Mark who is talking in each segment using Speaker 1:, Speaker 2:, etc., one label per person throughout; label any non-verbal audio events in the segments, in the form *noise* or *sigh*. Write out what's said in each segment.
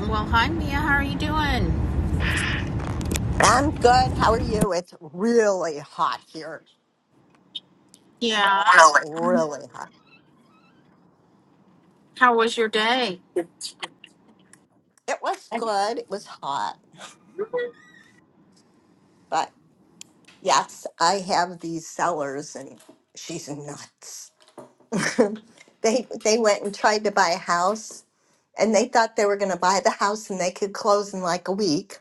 Speaker 1: Well, hi Mia, how are you doing?
Speaker 2: I'm good. How are you? It's really hot here.
Speaker 1: Yeah. Really?
Speaker 2: Really hot.
Speaker 1: How was your day?
Speaker 2: It was good. It was hot. But yes, I have these sellers and she's nuts. *laughs* they they went and tried to buy a house and they thought they were going to buy the house and they could close in like a week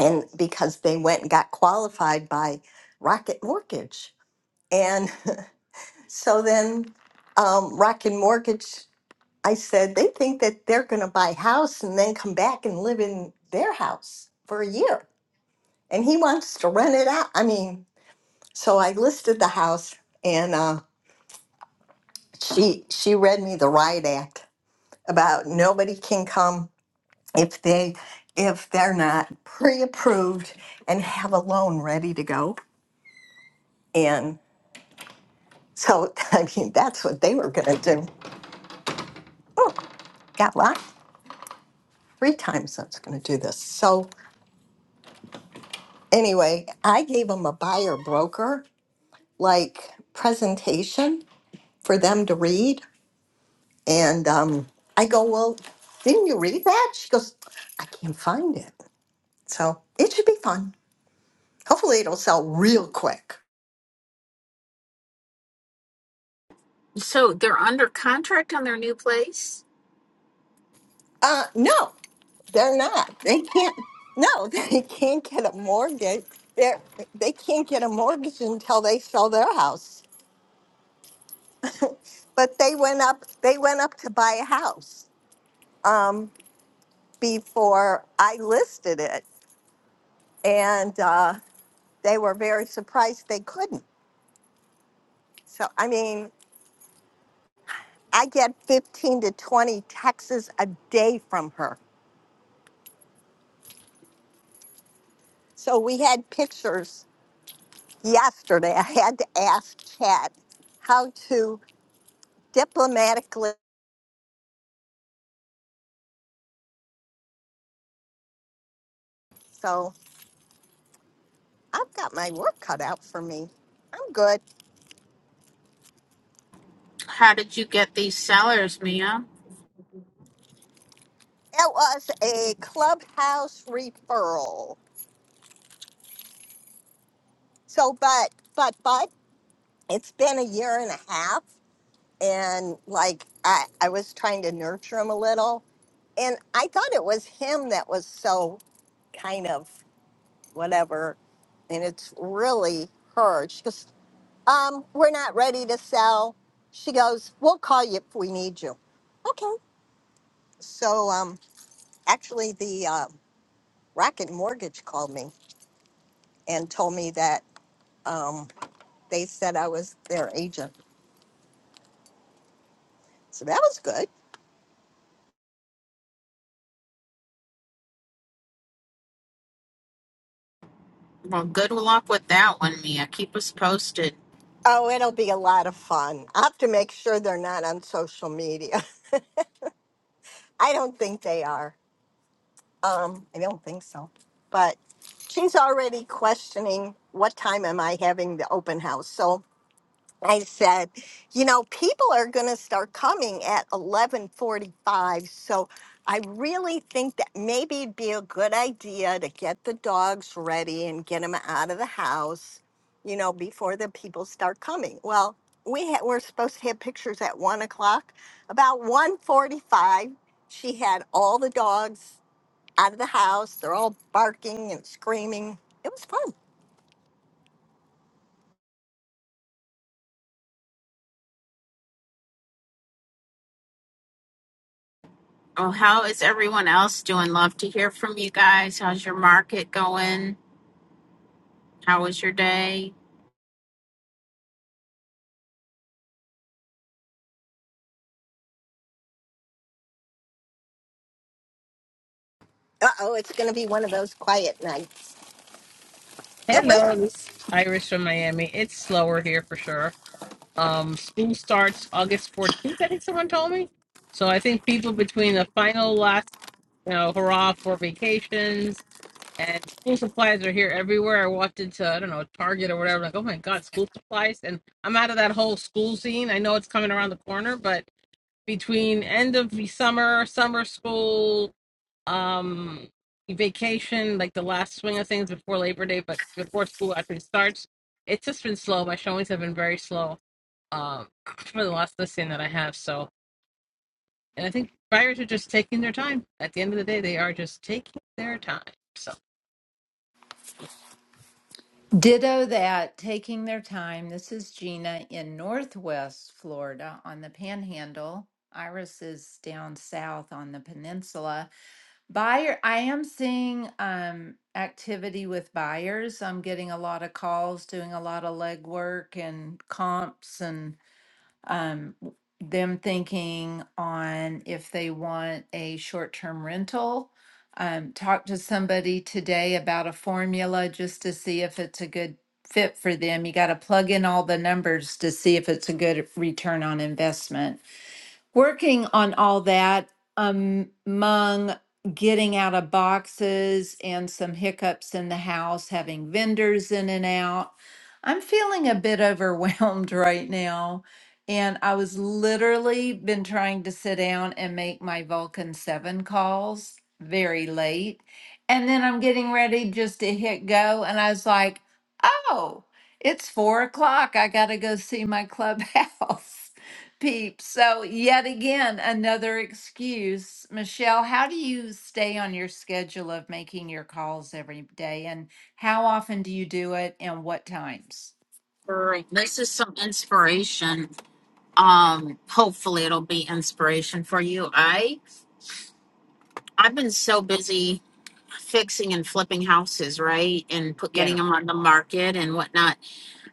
Speaker 2: and because they went and got qualified by Rocket Mortgage. And *laughs* so then um, Rocket Mortgage I said, they think that they're going to buy a house and then come back and live in their house for a year. And he wants to rent it out. I mean, so I listed the house and uh, she she read me the riot act about nobody can come if they if they're not pre-approved and have a loan ready to go. And so *laughs* I mean that's what they were gonna do. Oh, got locked three times I was gonna do this. So anyway, I gave him a buyer broker like presentation for them to read. And um, I go, Well, didn't you read that? She goes, I can't find it. So it should be fun. Hopefully, it'll sell real quick.
Speaker 1: So they're under contract on their new place.
Speaker 2: Uh, no, they're not. They can't. No, *laughs* they can't get a mortgage. They're, they can't get a mortgage until they sell their house. But they went up. They went up to buy a house um, before I listed it, and. Uh, they were very surprised they couldn't. So, I mean, I get 15 to 20 texts a day from her. So, we had pictures yesterday. *laughs* I had to ask Chad how to diplomatically. So, I've got my work cut out for me. I'm good.
Speaker 1: How did you get these sellers, Mia?
Speaker 2: It was a clubhouse referral. So, but, but, but, it's been a year and a half. And like, I, I was trying to nurture him a little and I thought it was him that was so kind of whatever, and it's really her. She goes, um, "We're not ready to sell." She goes, "We'll call you if we need you." Okay. So um, actually, the uh, Rocket Mortgage called me and told me that um, they said I was their agent. So that was good.
Speaker 1: Well, good luck with that one, Mia. Keep us posted.
Speaker 2: Oh, it'll be a lot of fun. I have to make sure they're not on social media. *laughs* I don't think they are. Um, I don't think so. But she's already questioning what time am I having the open house. So I said, you know, people are going to start coming at 11:45. So I really think that maybe it'd be a good idea to get the dogs ready and get them out of the house, you know, before the people start coming. Well, we ha- were supposed to have pictures at one o'clock. About one forty-five, she had all the dogs out of the house. They're all barking and screaming. It was fun.
Speaker 1: Oh, how is everyone else doing? Love to hear from you guys. How's your market going? How was your day?
Speaker 2: Uh oh, it's going to be one of those quiet nights. It
Speaker 3: Hello,
Speaker 2: was.
Speaker 3: this is Iris from Miami. It's slower here for sure. Um, school starts August 14th, I think someone told me. So I think people between the final last, you know, hurrah for vacations and school supplies are here everywhere. I walked into, I don't know, Target or whatever, like, oh my God, school supplies. And I'm out of that whole school scene. I know it's coming around the corner, but between end of the summer, summer school, um vacation like the last swing of things before labor day but before school actually starts it's just been slow my showings have been very slow um *clears throat* for the last listing that i have so and i think buyers are just taking their time at the end of the day they are just taking their time so
Speaker 4: Ditto that, taking their time. This is Gina in Northwest Florida on the Panhandle. Iris is down south on the peninsula. Buyer, I am seeing um, activity with buyers. I'm getting a lot of calls, doing a lot of legwork and comps and um, them thinking on if they want a short-term rental. Um, talk to somebody today about a formula just to see if it's a good fit for them. You got to plug in all the numbers to see if it's a good return on investment working on all that um, among getting out of boxes and some hiccups in the house, having vendors in and out. I'm feeling a bit overwhelmed *laughs* right now. And I was literally been trying to sit down and make my Vulcan 7 calls very late. And then I'm getting ready just to hit go. And I was like, oh, it's four o'clock. I got to go see my clubhouse. *laughs* peeps. So, yet again, another excuse. Michelle, how do you stay on your schedule of making your calls every day? And how often do you do it and what times?
Speaker 1: Great. This is some inspiration. Um, hopefully it'll be inspiration for you. I I've been so busy fixing and flipping houses, right? And put getting
Speaker 4: Yeah.
Speaker 1: them on the market and whatnot.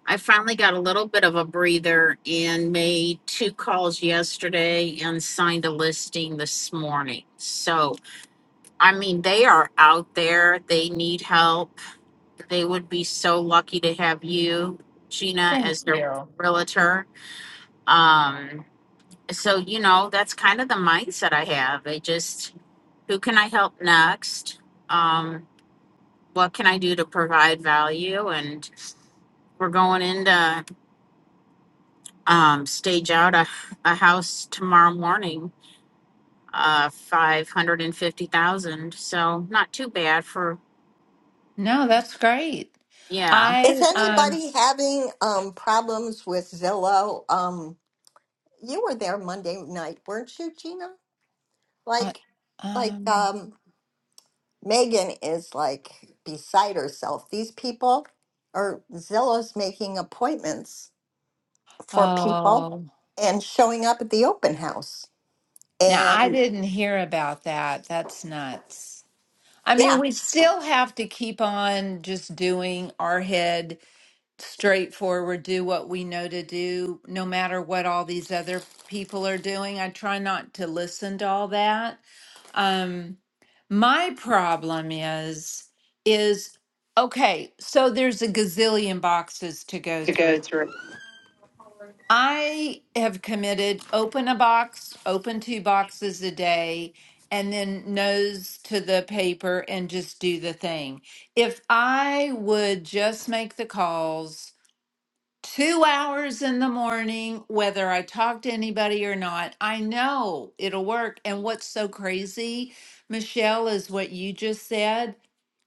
Speaker 1: I finally got a little bit of a breather and made two calls yesterday and signed a listing this morning. So, I mean, they are out there. They need help. They would be so lucky to have you, Gina, as their realtor. Um, so, you know, that's kind of the mindset I have. I just, who can I help next? Um, what can I do to provide value? And we're going in to um, stage out a, a house tomorrow morning, uh, 550,000. So not too bad for,
Speaker 4: No, that's great.
Speaker 1: yeah.
Speaker 4: I,
Speaker 2: Is
Speaker 4: um,
Speaker 2: anybody having um, problems with Zillow? Um, you were there Monday night, weren't you, Gina?
Speaker 4: uh,
Speaker 2: Like, like
Speaker 4: um,
Speaker 2: um, Megan is like beside herself. These people are Zillow's making appointments for people
Speaker 4: oh,
Speaker 2: and showing up at the open house.
Speaker 4: now I
Speaker 2: And
Speaker 4: didn't hear about that. That's nuts. I mean,
Speaker 2: yeah,
Speaker 4: we still have to keep on just doing our head straightforward, do what we know to do, no matter what all these other people are doing. I try not to listen to all that. Um, my problem is, is okay, so there's a gazillion boxes to go through. I have committed open a box, open two boxes a day, and then nose to the paper and just do the thing. If I would just make the calls two hours in the morning, whether I talk to anybody or not. I know it'll work. And what's so crazy, Michelle, is what you just said.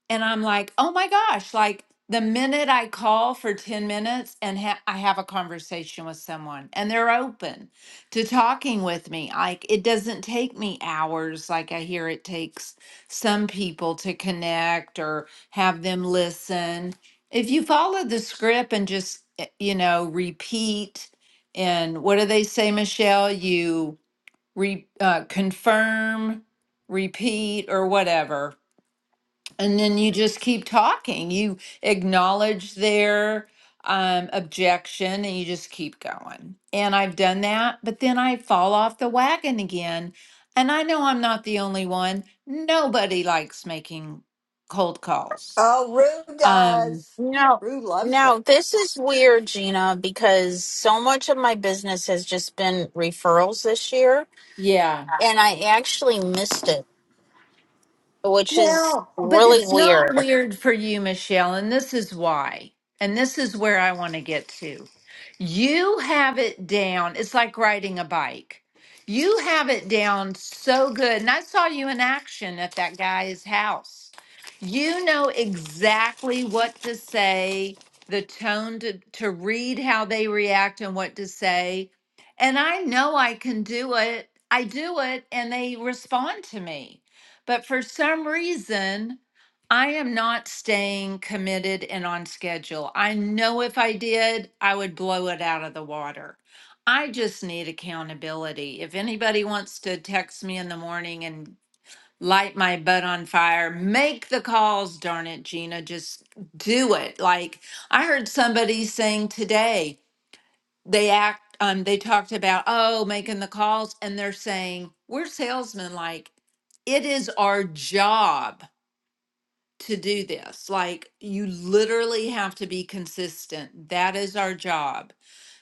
Speaker 4: And I'm like, oh my gosh, like the minute I call for 10 minutes and ha- I have a conversation with someone and they're open to talking with me, like it doesn't take me hours like I hear it takes some people to connect or have them listen. If you follow the script and just, eh, you know, repeat and what do they say, Michelle? You re- uh, confirm, repeat, or whatever and then you just keep talking. You acknowledge their um, objection and you just keep going. And I've done that, but then I fall off the wagon again. And I know I'm not the only one. Nobody likes making cold calls.
Speaker 2: Oh, Rue
Speaker 4: Um,
Speaker 2: does.
Speaker 1: No,
Speaker 2: Rue loves
Speaker 1: no,
Speaker 2: it.
Speaker 1: this is weird, Gina, because so much of my business has just been referrals this year.
Speaker 4: yeah.
Speaker 1: And I actually missed it, which is
Speaker 4: Well, but
Speaker 1: really
Speaker 4: it's not
Speaker 1: weird.
Speaker 4: weird for you, Michelle, and this is why. And this is where I want to get to. You have it down. It's like riding a bike. You have it down so good. And I saw you in action at that guy's house. You know exactly what to say, the tone to, to read how they react and what to say. And I know I can do it. I do it, and they respond to me. But for some reason, I am not staying committed and on schedule. I know if I did, I would blow it out of the water. I just need accountability. If anybody wants to text me in the morning and light my butt on fire, make the calls, darn it, Gina. Just do it. Like I heard somebody saying today, they act um they talked about oh making the calls and they're saying we're salesmen like it is our job to do this. Like you literally have to be consistent. That is our job.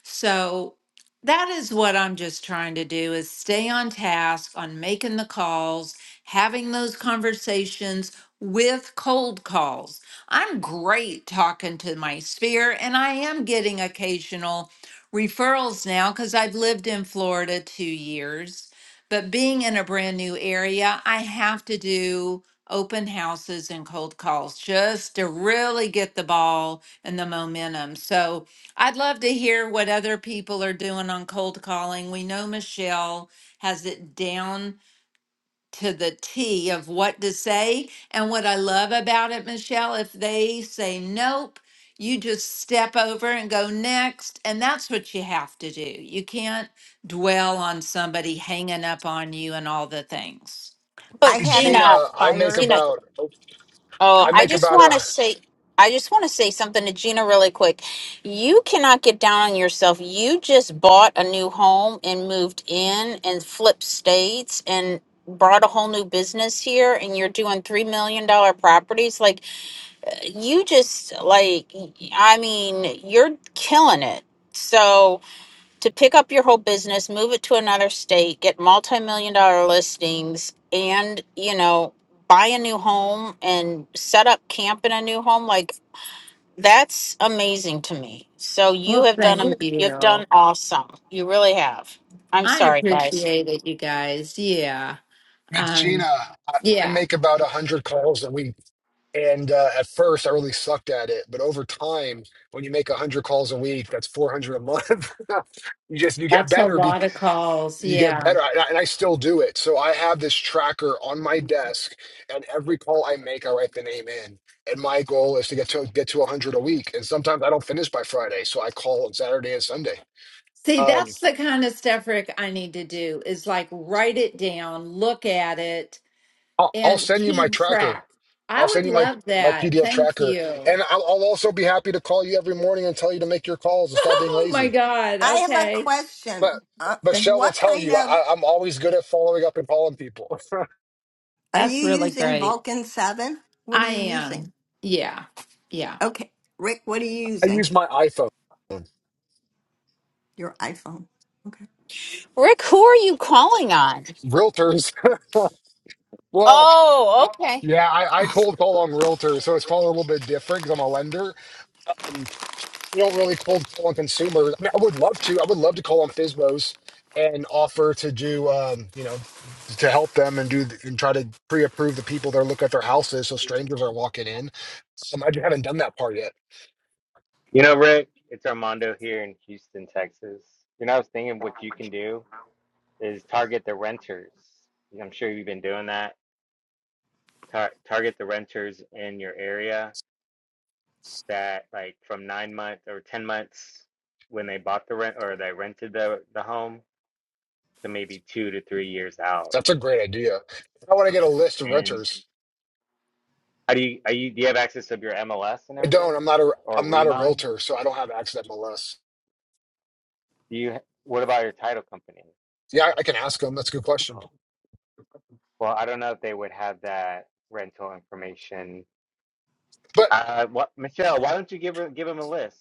Speaker 4: So that is what I'm just trying to do is stay on task on making the calls, having those conversations with cold calls. I'm great talking to my sphere and I am getting occasional referrals now cuz I've lived in Florida 2 years. But being in a brand new area, I have to do open houses and cold calls just to really get the ball and the momentum. So I'd love to hear what other people are doing on cold calling. We know Michelle has it down to the T of what to say. And what I love about it, Michelle, if they say nope, you just step over and go next. And that's what you have to do. You can't dwell on somebody hanging up on you and all the things.
Speaker 2: I
Speaker 1: But
Speaker 2: had an
Speaker 1: Gina,
Speaker 5: Gina, I make
Speaker 2: expired.
Speaker 1: Gina,
Speaker 5: about
Speaker 1: Oh,
Speaker 2: Go
Speaker 5: I
Speaker 1: I
Speaker 5: make
Speaker 2: ahead.
Speaker 1: just
Speaker 5: about a
Speaker 1: want to say, I just want to say something to Gina really quick. You cannot get down on yourself. You just bought a new home and moved in and flipped states and brought a whole new business here and you're doing three million dollar properties like you just like i mean you're killing it so to pick up your whole business, move it to another state, get multi-million dollar listings and, you know, buy a new home and set up camp in a new home like that's amazing to me. So you
Speaker 4: Well,
Speaker 1: have done
Speaker 4: thank
Speaker 1: am- you've
Speaker 4: you.
Speaker 1: done awesome. You really have. I'm
Speaker 4: I
Speaker 1: sorry, guys.
Speaker 4: appreciate it, you guys. Yeah.
Speaker 5: with
Speaker 4: Um,
Speaker 5: Gina, I I
Speaker 4: yeah.
Speaker 5: make about a hundred calls a week. And uh, at first, I really sucked at it, but over time, when you make a hundred calls a week, that's four hundred a month. *laughs* you just you get
Speaker 4: That's a
Speaker 5: better. Be,
Speaker 4: lot of calls.
Speaker 5: you get
Speaker 4: Yeah.
Speaker 5: better, and I, and I still do it. So I have this tracker on my desk, and every call I make, I write the name in. And my goal is to get to get to a hundred a week. And sometimes I don't finish by Friday, so I call on Saturday and Sunday.
Speaker 4: See,
Speaker 5: Um,
Speaker 4: that's the kind of stuff, Rick, I need to do is like write it down, look at it,
Speaker 5: I'll, I'll
Speaker 4: and
Speaker 5: send you my
Speaker 4: keep track.
Speaker 5: tracker.
Speaker 4: I
Speaker 5: I'll
Speaker 4: would
Speaker 5: send you my
Speaker 4: love
Speaker 5: my
Speaker 4: that.
Speaker 5: PDF
Speaker 4: Thank
Speaker 5: tracker,
Speaker 4: you.
Speaker 5: and I'll, I'll also be happy to call you every morning and tell you to make your calls and
Speaker 4: *laughs*
Speaker 5: stop being
Speaker 4: Oh my
Speaker 5: lazy.
Speaker 4: God.
Speaker 2: I have a
Speaker 4: Okay.
Speaker 5: But
Speaker 2: question. Uh,
Speaker 4: Thank-
Speaker 5: Michelle will
Speaker 2: what
Speaker 5: tell
Speaker 2: kind
Speaker 5: you
Speaker 2: of
Speaker 5: I, I'm always good at following up and calling people.
Speaker 2: are you
Speaker 4: That's really
Speaker 2: using
Speaker 4: great.
Speaker 2: Vulcan 7? What are
Speaker 4: I
Speaker 2: you using?
Speaker 4: am. Yeah. Yeah.
Speaker 2: Okay. Rick, what are you
Speaker 5: *laughs* I
Speaker 2: using?
Speaker 5: use my iPhone.
Speaker 2: Your iPhone. Okay.
Speaker 1: Rick, who are you calling on?
Speaker 5: Realtors. *laughs* Well,
Speaker 1: Oh, okay.
Speaker 5: yeah, I, I cold call on realtors, so it's probably a little bit different because I'm a lender. Um, We don't really cold call on consumers. I, mean, I would love to. I would love to call on FISBOs and offer to do, um, you know, to help them and do and try to pre-approve the people that are looking at their houses so strangers are not walking in. Um, I just haven't done that part yet.
Speaker 6: You know, Rick, it's Armando here in Houston, Texas. You know, I was thinking what you can do is target the renters. I'm sure you've been doing that. Tar target the renters in your area that, like, from nine months or 10 months when they bought the rent or they rented the, the home to maybe two to three years out.
Speaker 5: That's a great idea. I want to get a list of
Speaker 6: And
Speaker 5: renters.
Speaker 6: how do you, are you, do you have access of your MLS and
Speaker 5: I
Speaker 6: everything
Speaker 5: don't. I'm not a.
Speaker 6: or
Speaker 5: I'm not a
Speaker 6: Remine?
Speaker 5: realtor, so I don't have access to MLS.
Speaker 6: Do you, what about your title company?
Speaker 5: Yeah, I, I can ask them. That's a good question.
Speaker 6: Oh, well, I don't know if they would have that rental information
Speaker 5: But
Speaker 6: Uh, what Michelle? Why don't you give her give him a list?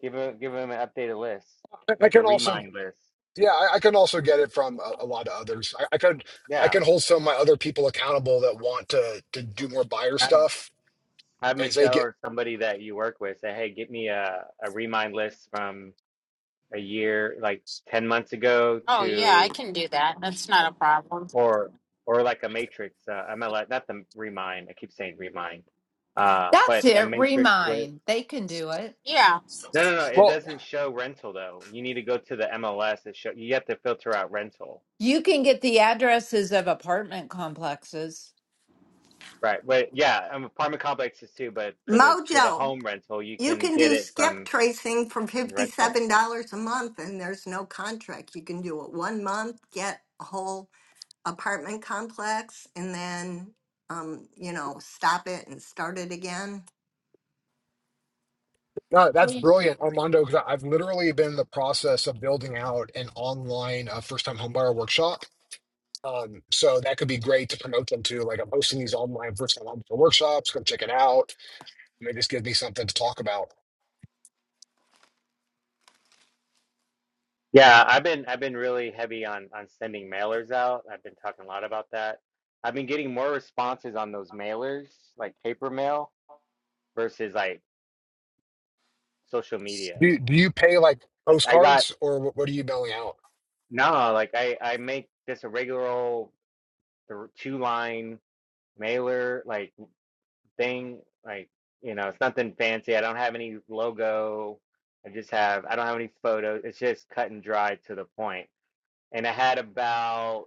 Speaker 6: Give him give him an updated list,
Speaker 5: I I
Speaker 6: like a
Speaker 5: can also
Speaker 6: remind list.
Speaker 5: Yeah, I, I can also get it from a, a lot of others. I, I could I
Speaker 6: Yeah,
Speaker 5: can hold some of my other people accountable that want to to do more buyer
Speaker 6: have
Speaker 5: stuff
Speaker 6: have
Speaker 5: and say
Speaker 6: Michelle
Speaker 5: get
Speaker 6: or somebody that you work with say, hey, get me a a remind list from a year like ten months ago
Speaker 1: Oh, yeah, I
Speaker 6: to
Speaker 1: can do that. That's not a problem.
Speaker 6: or or like a matrix. Uh, I'm not like- not the remind. I keep saying remind, uh,
Speaker 4: That's
Speaker 6: but a
Speaker 4: it.
Speaker 6: matrix list.
Speaker 4: Remind. They can do it.
Speaker 1: Yeah.
Speaker 6: No, no, no. It
Speaker 5: well.
Speaker 6: doesn't show rental though. You need to go to the MLS. It show you have to filter out rental.
Speaker 4: You can get the addresses of apartment complexes.
Speaker 6: Right. But yeah, um, apartment complexes too, but for the for the
Speaker 2: Mojo,
Speaker 6: home rental, you
Speaker 2: you
Speaker 6: can
Speaker 2: can
Speaker 6: get
Speaker 2: do
Speaker 6: it
Speaker 2: skip
Speaker 6: from
Speaker 2: tracing for
Speaker 6: rental.
Speaker 2: $57 a month and there's no contract. You can do it one month, get a whole apartment complex, and then, um, you know, stop it and start it again.
Speaker 5: No, that's brilliant, Armando. Because I've literally been in the process of building out an online uh, first time homebuyer workshop. Um, so that could be great to promote them to. Like I'm hosting these online first time homebuyer workshops. Come check it out. And it just gives me something to talk about.
Speaker 6: Yeah, I've been I've been really heavy on on sending mailers out. I've been talking a lot about that. I've been getting more responses on those mailers, like paper mail versus like social media.
Speaker 5: Do do you pay like
Speaker 6: Like I got
Speaker 5: postcards or what, what are you mailing out?
Speaker 6: no, like I I make just a regular old th- two line mailer like thing. Like, you know, it's nothing fancy. I don't have any logo. I just have, I don't have any photos. It's just cut and dry to the point. And I had about,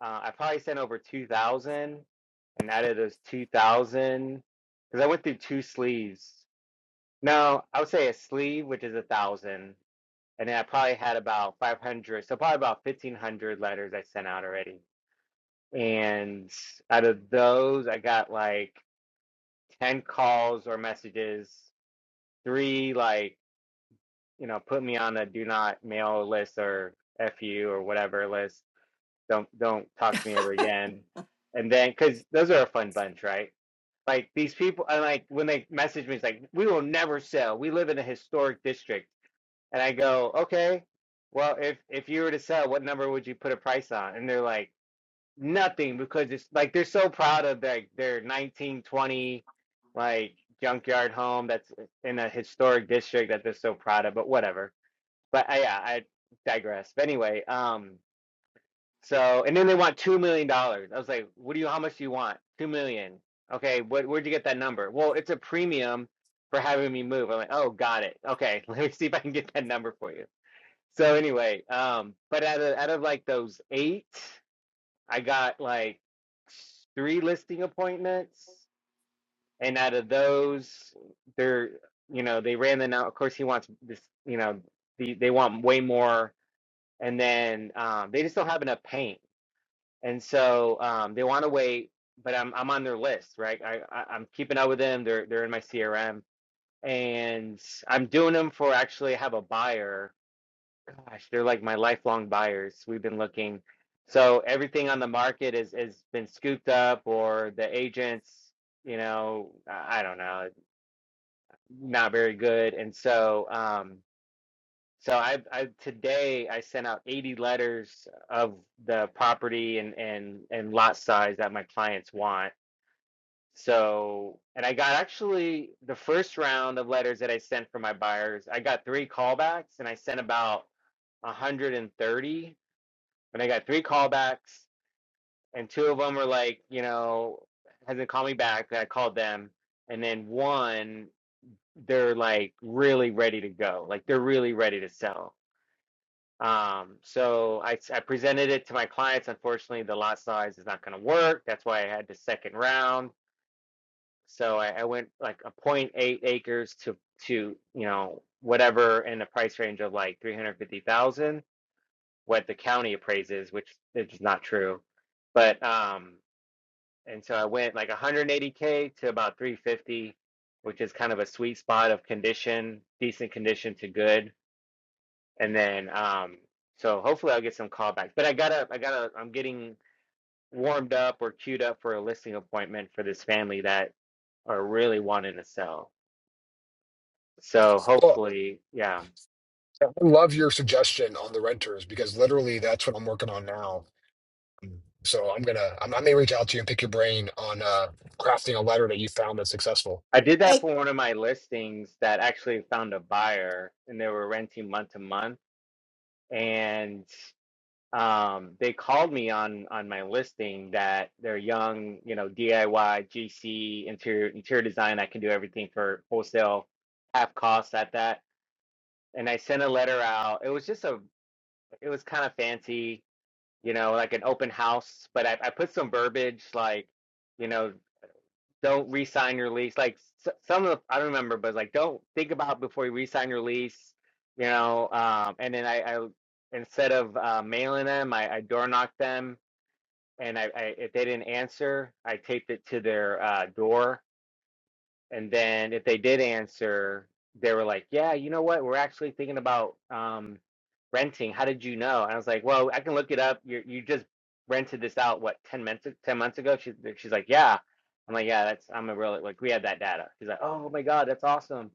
Speaker 6: uh, I probably sent over 2,000. And out of those 2,000, because I went through two sleeves. No, I would say a sleeve, which is a thousand. And then I probably had about 500, so probably about 1,500 letters I sent out already. And out of those, I got like 10 calls or messages, three, like, you know, put me on the do not mail list or FU or whatever list. Don't, don't talk to me ever again. And then, cause those are a fun bunch, right? Like these people, and like when they message me, it's like, we will never sell. We live in a historic district. And I go, okay, well, if, if you were to sell, what number would you put a price on? And they're like, Nothing because it's like they're so proud of like their 1920 like junkyard home that's in a historic district that they're so proud of, but whatever. But uh, yeah, I digress. But anyway, um so and then they want two million dollars. I was like, what do you how much do you want? Two million. Okay, what where'd you get that number? Well, it's a premium for having me move. I'm like, oh got it. Okay, *laughs* let me see if I can get that number for you. So anyway, um but out of out of like those eight I got like three listing appointments, and out of those, they're you know they ran them out. Of course, he wants this, you know, the, they want way more, and then um, they just don't have enough paint, and so um, they want to wait. But I'm I'm on their list, right? I, I I'm keeping up with them. They're they're in my CRM, and I'm doing them for actually I have a buyer Gosh, they're like my lifelong buyers. We've been looking. So everything on the market is has been scooped up or the agents, you know, I I don't know, not very good. And so um so I I today I sent out 80 letters of the property and and and lot size that my clients want. So, and I got actually the first round of letters that I sent for my buyers, I got three callbacks and I sent about 130 and I got three callbacks, and two of them were like, you know, hasn't called me back that I called them, and then one they're like really ready to go, like they're really ready to sell. Um, so I I presented it to my clients. Unfortunately, the lot size is not going to work. That's why I had the second round. So I, I went like a point eight acres to to you know whatever in the price range of like 350,000 what the county appraises, which is not true but um and so I went like 180k to about 350, which is kind of a sweet spot of condition, decent condition to good, and then um, so hopefully I'll get some callbacks. But I gotta, I gotta, I'm getting warmed up or queued up for a listing appointment for this family that are really wanting to sell. So
Speaker 5: Well,
Speaker 6: hopefully, yeah.
Speaker 5: I love your suggestion on the renters because literally that's what I'm working on now. So I'm gonna I'm, I may reach out to you and pick your brain on uh, crafting a letter that you found that's successful.
Speaker 6: I did that
Speaker 2: Hey,
Speaker 6: for one of my listings that actually found a buyer and they were renting month to month. And um, they called me on on my listing that they're young, you know, DIY, GC, interior interior design. I can do everything for wholesale, half cost at that. And I sent a letter out. It was just a, it was kind of fancy, you know, like an open house. But I, I put some verbiage like, you know, don't re-sign your lease. Like s- some of the, I don't remember, but like don't think about before you re-sign your lease, you know. Um, and then I, I instead of uh, mailing them, I, I door knocked them and I, I if they didn't answer, I taped it to their uh, door, and then if they did answer, they were like, "Yeah, you know what? We're actually thinking about um, renting. How did you know?" And I was like, "Well, I can look it up. You you just rented this out what ten months ten months ago?" She's she's like, "Yeah." I'm like, "Yeah, that's I'm a real like we had that data." She's like, "Oh my god, that's awesome.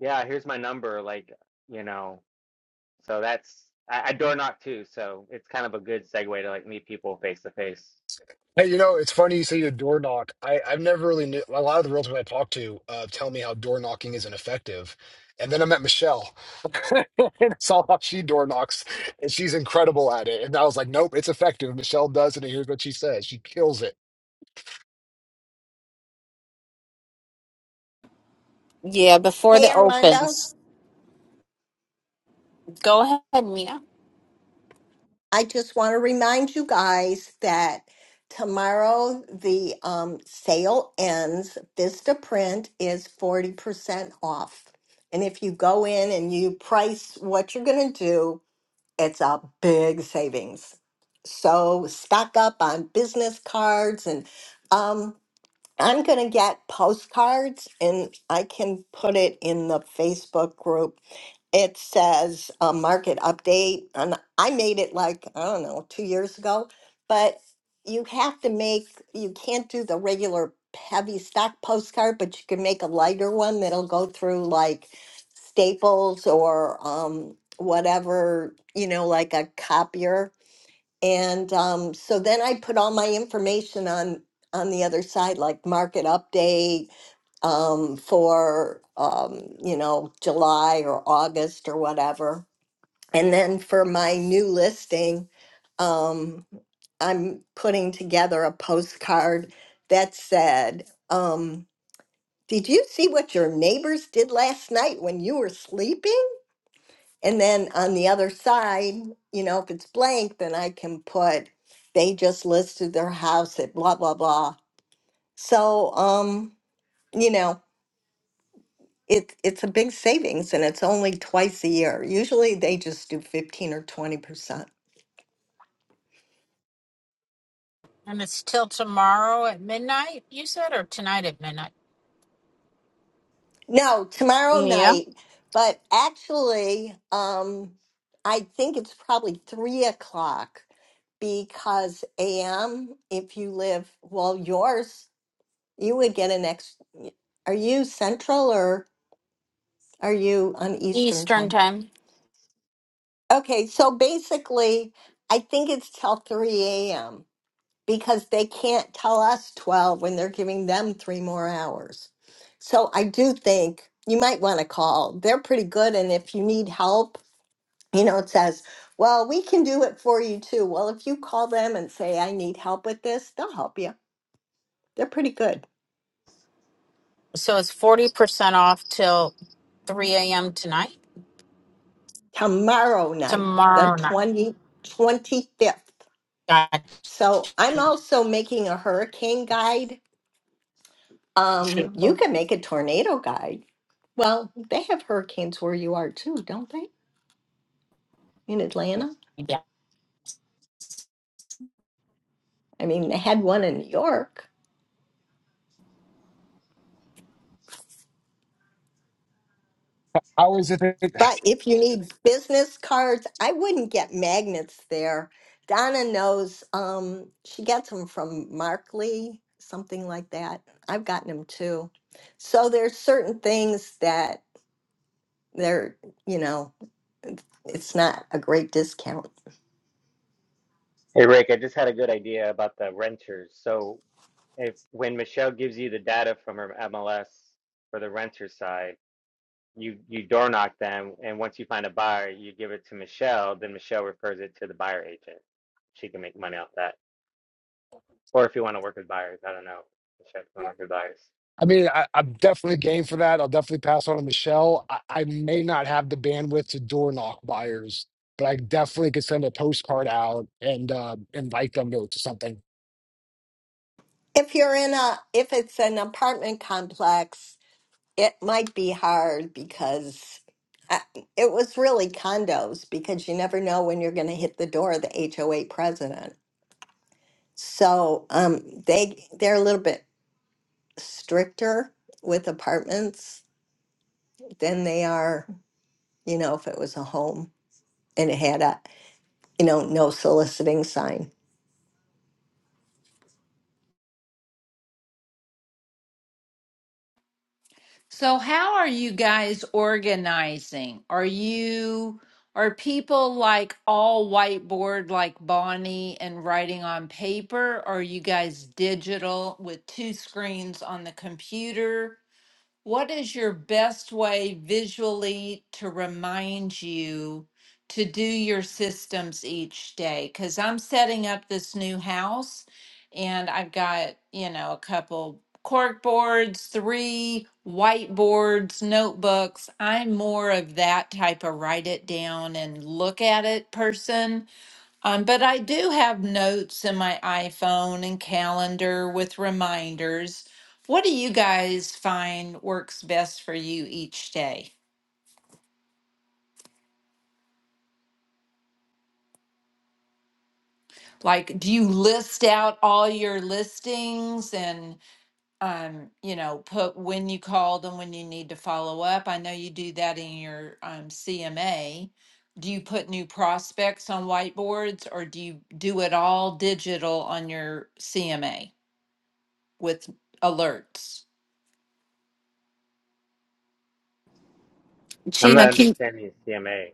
Speaker 6: Yeah, here's my number. Like you know, so that's." I, I door knock too, so it's kind of a good segue to like meet people face to face.
Speaker 5: Hey, you know, it's funny you say the door knock. I, I've never really knew a lot of the realtors I talk to uh, tell me how door knocking isn't effective. And then I met Michelle *laughs* and saw how she door knocks, and she's incredible at it. And I was like, nope, it's effective. Michelle does it, and here's what she says. She kills it.
Speaker 1: Yeah, before
Speaker 2: hey,
Speaker 1: the
Speaker 2: Armando.
Speaker 1: opens. Go ahead, Mia.
Speaker 2: I just want to remind you guys that tomorrow the um, sale ends. Vista Print is 40% off. And if you go in and you price what you're going to do, it's a big savings. So stock up on business cards and um, I'm going to get postcards and I can put it in the Facebook group. It says a market update. And I made it like, I don't know, two years ago. But you have to make, you can't do the regular heavy stock postcard, but you can make a lighter one that'll go through like Staples or um, whatever, you know, like a copier and um, so then I put all my information on on the other side, like market update um, for um, you know July or August or whatever. And then for my new listing, um, I'm putting together a postcard that said, um, "Did you see what your neighbors did last night when you were sleeping?" And then on the other side, you know, if it's blank, then I can put they just listed their house at blah blah blah. So um, you know, it it's a big savings and it's only twice a year. Usually they just do 15 or 20%.
Speaker 1: And it's till tomorrow at midnight, you said, or tonight at midnight.
Speaker 2: No, tomorrow
Speaker 1: Yeah.
Speaker 2: night, but actually, um, I think it's probably three o'clock because AM, if you live well, yours You would get an ex. Are you central or are you on Eastern
Speaker 1: Eastern
Speaker 2: time?
Speaker 1: time.
Speaker 2: Okay, so basically, I think it's till 3 a.m. because they can't tell us 12 when they're giving them three more hours. So I do think you might want to call. They're pretty good. And if you need help, you know, it says, well, we can do it for you too. Well, if you call them and say, I need help with this, they'll help you. They're pretty good.
Speaker 1: So it's 40% off till 3 a.m. tonight?
Speaker 2: tomorrow night, the
Speaker 1: Tomorrow night.
Speaker 2: twenty twenty fifth.
Speaker 1: Got
Speaker 2: So I'm also making a hurricane guide. Um, you
Speaker 1: you.
Speaker 2: can make a tornado guide. Well, they have hurricanes where you are too, don't they? In Atlanta?
Speaker 1: Yeah.
Speaker 2: I mean, they had one in New York.
Speaker 5: How is it? that-
Speaker 2: But if you need business cards, I wouldn't get magnets there. Donna knows um, she gets them from Markley, something like that. I've gotten them too. So there's certain things that they're you know it's not a great discount
Speaker 6: Hey Rick, I just had a good idea about the renters. So if when Michelle gives you the data from her MLS for the renter side, you you door knock them, and once you find a buyer, you give it to Michelle. Then Michelle refers it to the buyer agent. She can make money off that. Or if you want to work with buyers, I don't know. Michelle, if you want to work with buyers,
Speaker 5: I mean, I, I'm definitely game for that. I'll definitely pass on to Michelle. I, I may not have the bandwidth to door knock buyers, but I definitely could send a postcard out and uh, invite them to, to something.
Speaker 2: if you're in a if it's an apartment complex it might be hard because I, it was really condos because you never know when you're going to hit the door of the HOA president so um they they're a little bit stricter with apartments than they are you know if it was a home and it had a you know no soliciting sign
Speaker 4: So, how are you guys organizing? Are you are people like all whiteboard like Bonnie and writing on paper? Or are you guys digital with two screens on the computer? What is your best way visually to remind you to do your systems each day? Because I'm setting up this new house and I've got, you know, a couple cork boards, three whiteboards, notebooks. I'm more of that type of write it down and look at it person. Um, but I do have notes in my iPhone and calendar with reminders. What do you guys find works best for you each day? Like, do you list out all your listings and, um, you know, put when you called and when you need to follow up? I know you do that in your um, CMA. Do you put new prospects on whiteboards or do you do it all digital on your CMA with alerts?
Speaker 6: I'm not
Speaker 1: Sheena, can
Speaker 6: understanding the CMA.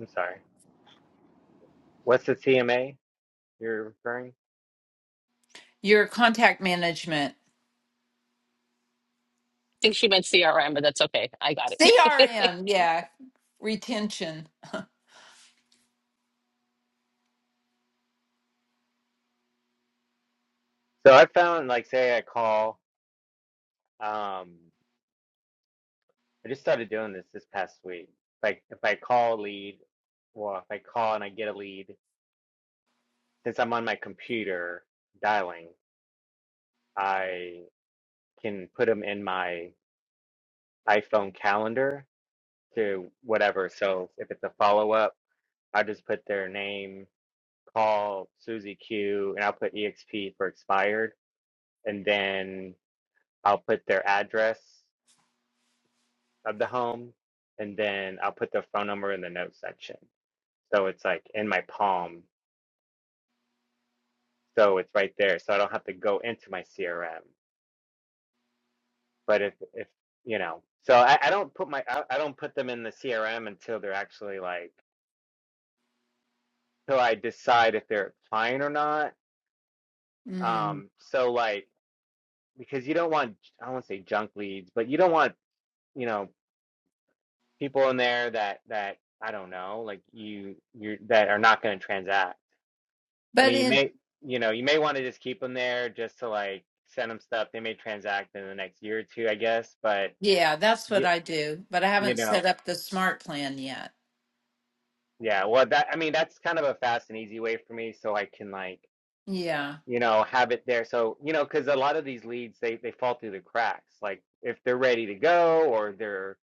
Speaker 6: I'm sorry. What's the CMA you're referring?
Speaker 4: Your contact management,
Speaker 3: think she meant CRM, but that's okay. I got it. *laughs*
Speaker 4: CRM, yeah, retention.
Speaker 6: So I found like say I call. Um, I just started doing this this past week. Like if I call a lead, or if I call and I get a lead, since I'm on my computer dialing, I can put them in my iPhone calendar to whatever. So if it's a follow up, I just put their name, call Susie Q, and I'll put EXP for expired, and then I'll put their address of the home, and then I'll put their phone number in the notes section. So it's like in my palm So it's right there. So I don't have to go into my CRM. But if if you know, so I, I don't put my I, I don't put them in the CRM until they're actually like till I decide if they're applying or not.
Speaker 4: Mm.
Speaker 6: Um, so like because you don't want I don't want to say junk leads, but you don't want you know people in there that that I don't know like you you that are not going to transact. I
Speaker 4: But
Speaker 6: mean, you
Speaker 4: in
Speaker 6: may you know you may want to just keep them there just to like send them stuff. They may transact in the next year or two, I guess, but.
Speaker 4: yeah, that's what I do. But I
Speaker 6: You
Speaker 4: haven't
Speaker 6: know,
Speaker 4: set up the smart plan yet.
Speaker 6: yeah. Well, that I mean, that's kind of a fast and easy way for me, so I can like,
Speaker 4: Yeah.
Speaker 6: you know, have it there. So, you know, because a lot of these leads, they they fall through the cracks. Like if they're ready to go or they're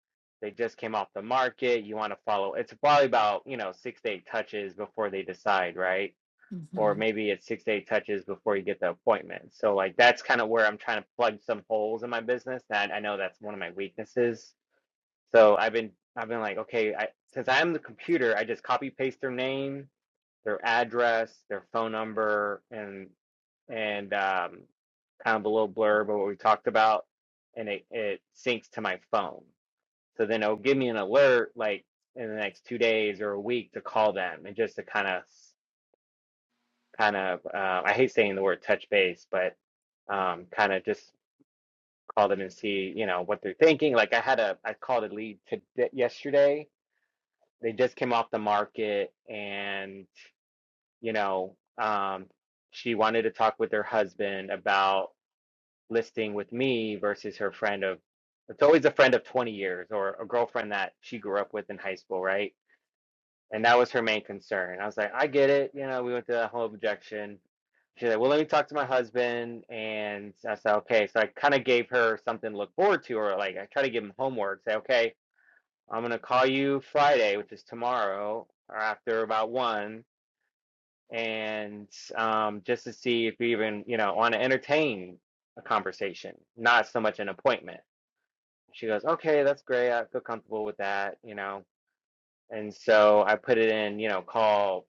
Speaker 6: they just came off the market, you want to follow. It's probably about, you know, six to eight touches before they decide, right? Or
Speaker 4: hmm
Speaker 6: maybe it's six to eight touches before you get the appointment. So, like, that's kind of where I'm trying to plug some holes in my business. That I know that's one of my weaknesses So I've been I've been like, okay, I, since I am the computer, I just copy paste their name, their address, their phone number, and and um, kind of a little blurb of what we talked about, and it it syncs to my phone. So then it'll give me an alert like in the next two days or a week to call them and just to kind of kind of uh, I hate saying the word touch base, but um, kind of just call them and see you know what they're thinking. Like I had a I called a lead to yesterday they just came off the market and you know um she wanted to talk with her husband about listing with me versus her friend of it's always a friend of 20 years or a girlfriend that she grew up with in high school right and that was her main concern i was like i get it you know we went to that whole objection she's like well let me talk to my husband and i said okay so i kind of gave her something to look forward to or like i try to give him homework say okay I'm gonna call you Friday, which is tomorrow, or after about one, and um, just to see if you even, you know, want to entertain a conversation, not so much an appointment. She goes, okay, that's great. I feel comfortable with that, you know. And so I put it in, you know, call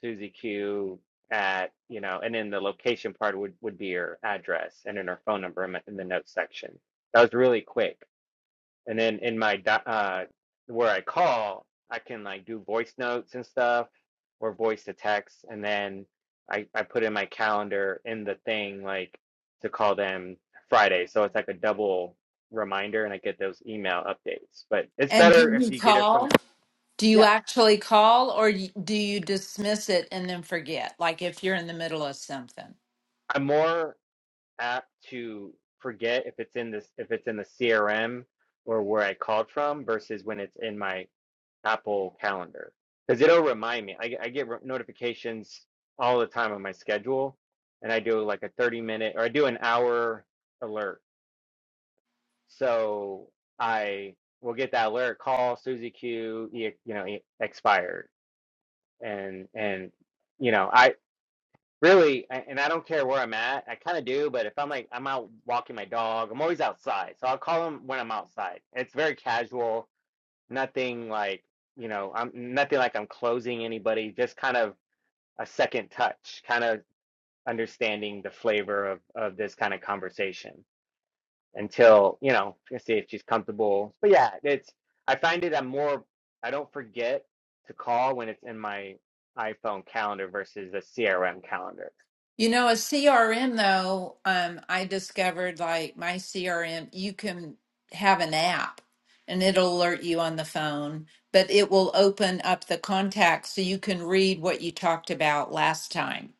Speaker 6: Susie Q at, you know, and then the location part would would be her address and then her phone number in the in the notes section. That was really quick and then in my di- uh where I call, I can like do voice notes and stuff or voice to text and then I I put in my calendar in the thing like to call them Friday. So it's like a double reminder and I get those email updates. But it's
Speaker 4: And do
Speaker 6: better if
Speaker 4: you
Speaker 6: you get it
Speaker 4: call?
Speaker 6: from
Speaker 4: Do you
Speaker 6: yeah,
Speaker 4: actually call, or y- do you dismiss it and then forget? Like if you're in the middle of something.
Speaker 6: I'm more apt to forget if it's in this if it's in the CRM or where I called from versus when it's in my Apple Calendar because it'll remind me. I, I get re- notifications all the time on my schedule, and I do like a 30 minute or I do an hour alert. So I will get that alert call Suzy Q, e- you know, e- expired, and and you know I really a- and I don't care where I'm at. I kind of do, but if I'm like I'm out walking my dog, I'm always outside, so I'll call them when I'm outside. It's very casual nothing like you know i'm nothing like i'm closing anybody just kind of a second touch kind of understanding the flavor of of this kind of conversation until you know To see if she's comfortable but yeah it's i find it i'm more i don't forget to call when it's in my iphone calendar versus a crm calendar
Speaker 4: You know, a CRM though, um, I discovered like my CRM, you can have an app and it'll alert you on the phone, but it will open up the contacts so you can read what you talked about last time.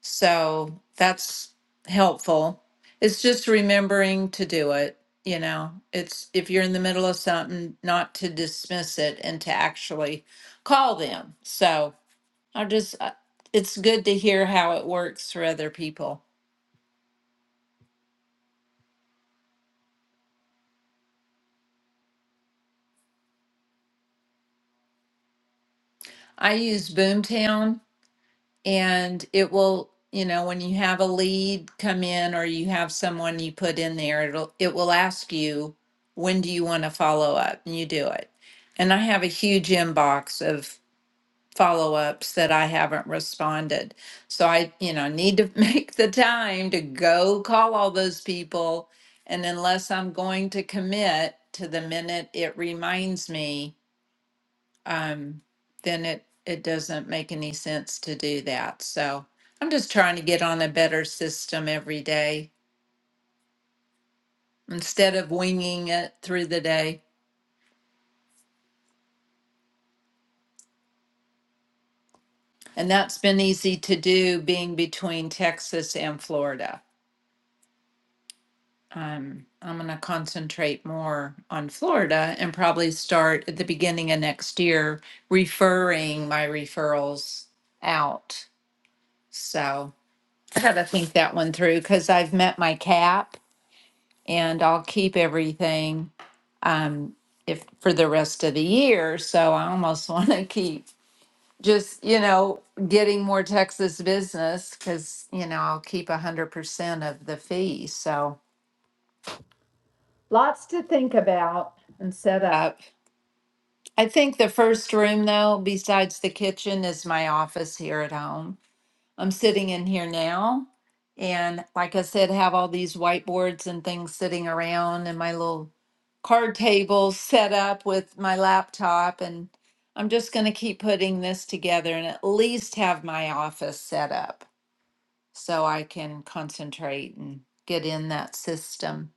Speaker 4: So that's helpful. It's just remembering to do it. You know, it's if you're in the middle of something, not to dismiss it and to actually call them. So, I just, I- it's good to hear how it works for other people. I use Boomtown and it will, you know, when you have a lead come in or you have someone you put in there, it'll, it will ask you, when do you want to follow up? And you do it. And I have a huge inbox of follow-ups that I haven't responded. So I, you know, need to *laughs* make the time to go call all those people. And unless I'm going to commit to the minute it reminds me, um, then it, it doesn't make any sense to do that. So I'm just trying to get on a better system every day instead of winging it through the day. And that's been easy to do being between Texas and Florida. Um, I'm going to concentrate more on Florida and probably start at the beginning of next year referring my referrals out. So I got to think that one through because I've met my cap and I'll keep everything um, if for the rest of the year. So I almost *laughs* want to keep just, you know, getting more Texas business because, you know, I'll keep 100% of the fee. So Lots to think about and set up. I think the first room, though, besides the kitchen, is my office here at home. I'm sitting in here now. And like I said, have all these whiteboards and things sitting around and my little card table *laughs* set up with my laptop. And I'm just going to keep putting this together and at least have my office set up so I can concentrate and get in that system.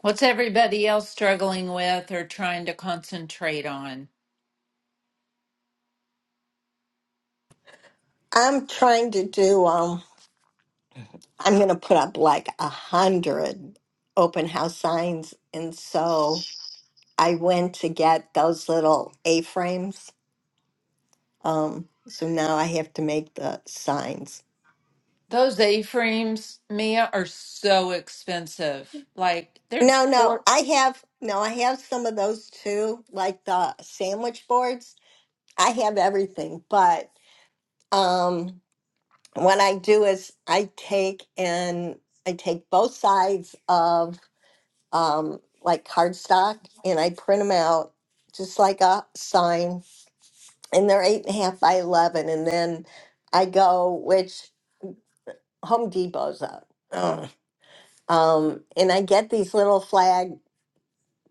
Speaker 4: What's everybody else struggling with or trying to concentrate on?
Speaker 2: i'm trying to do um I'm going to put up like a hundred open house signs. And so I went to get those little A frames. Um, so now I have to make the signs.
Speaker 4: Those A-frames, Mia, are so expensive. Like they're
Speaker 2: No, no,
Speaker 4: four four.
Speaker 2: I have, no, I have some of those too, like the sandwich boards. I have everything, but um, what I do is I take and I take both sides of. um, like cardstock, and I print them out just like a sign, and they're eight and a half by eleven. And then I go, which Home Depot's out, Ugh. um, and I get these little flag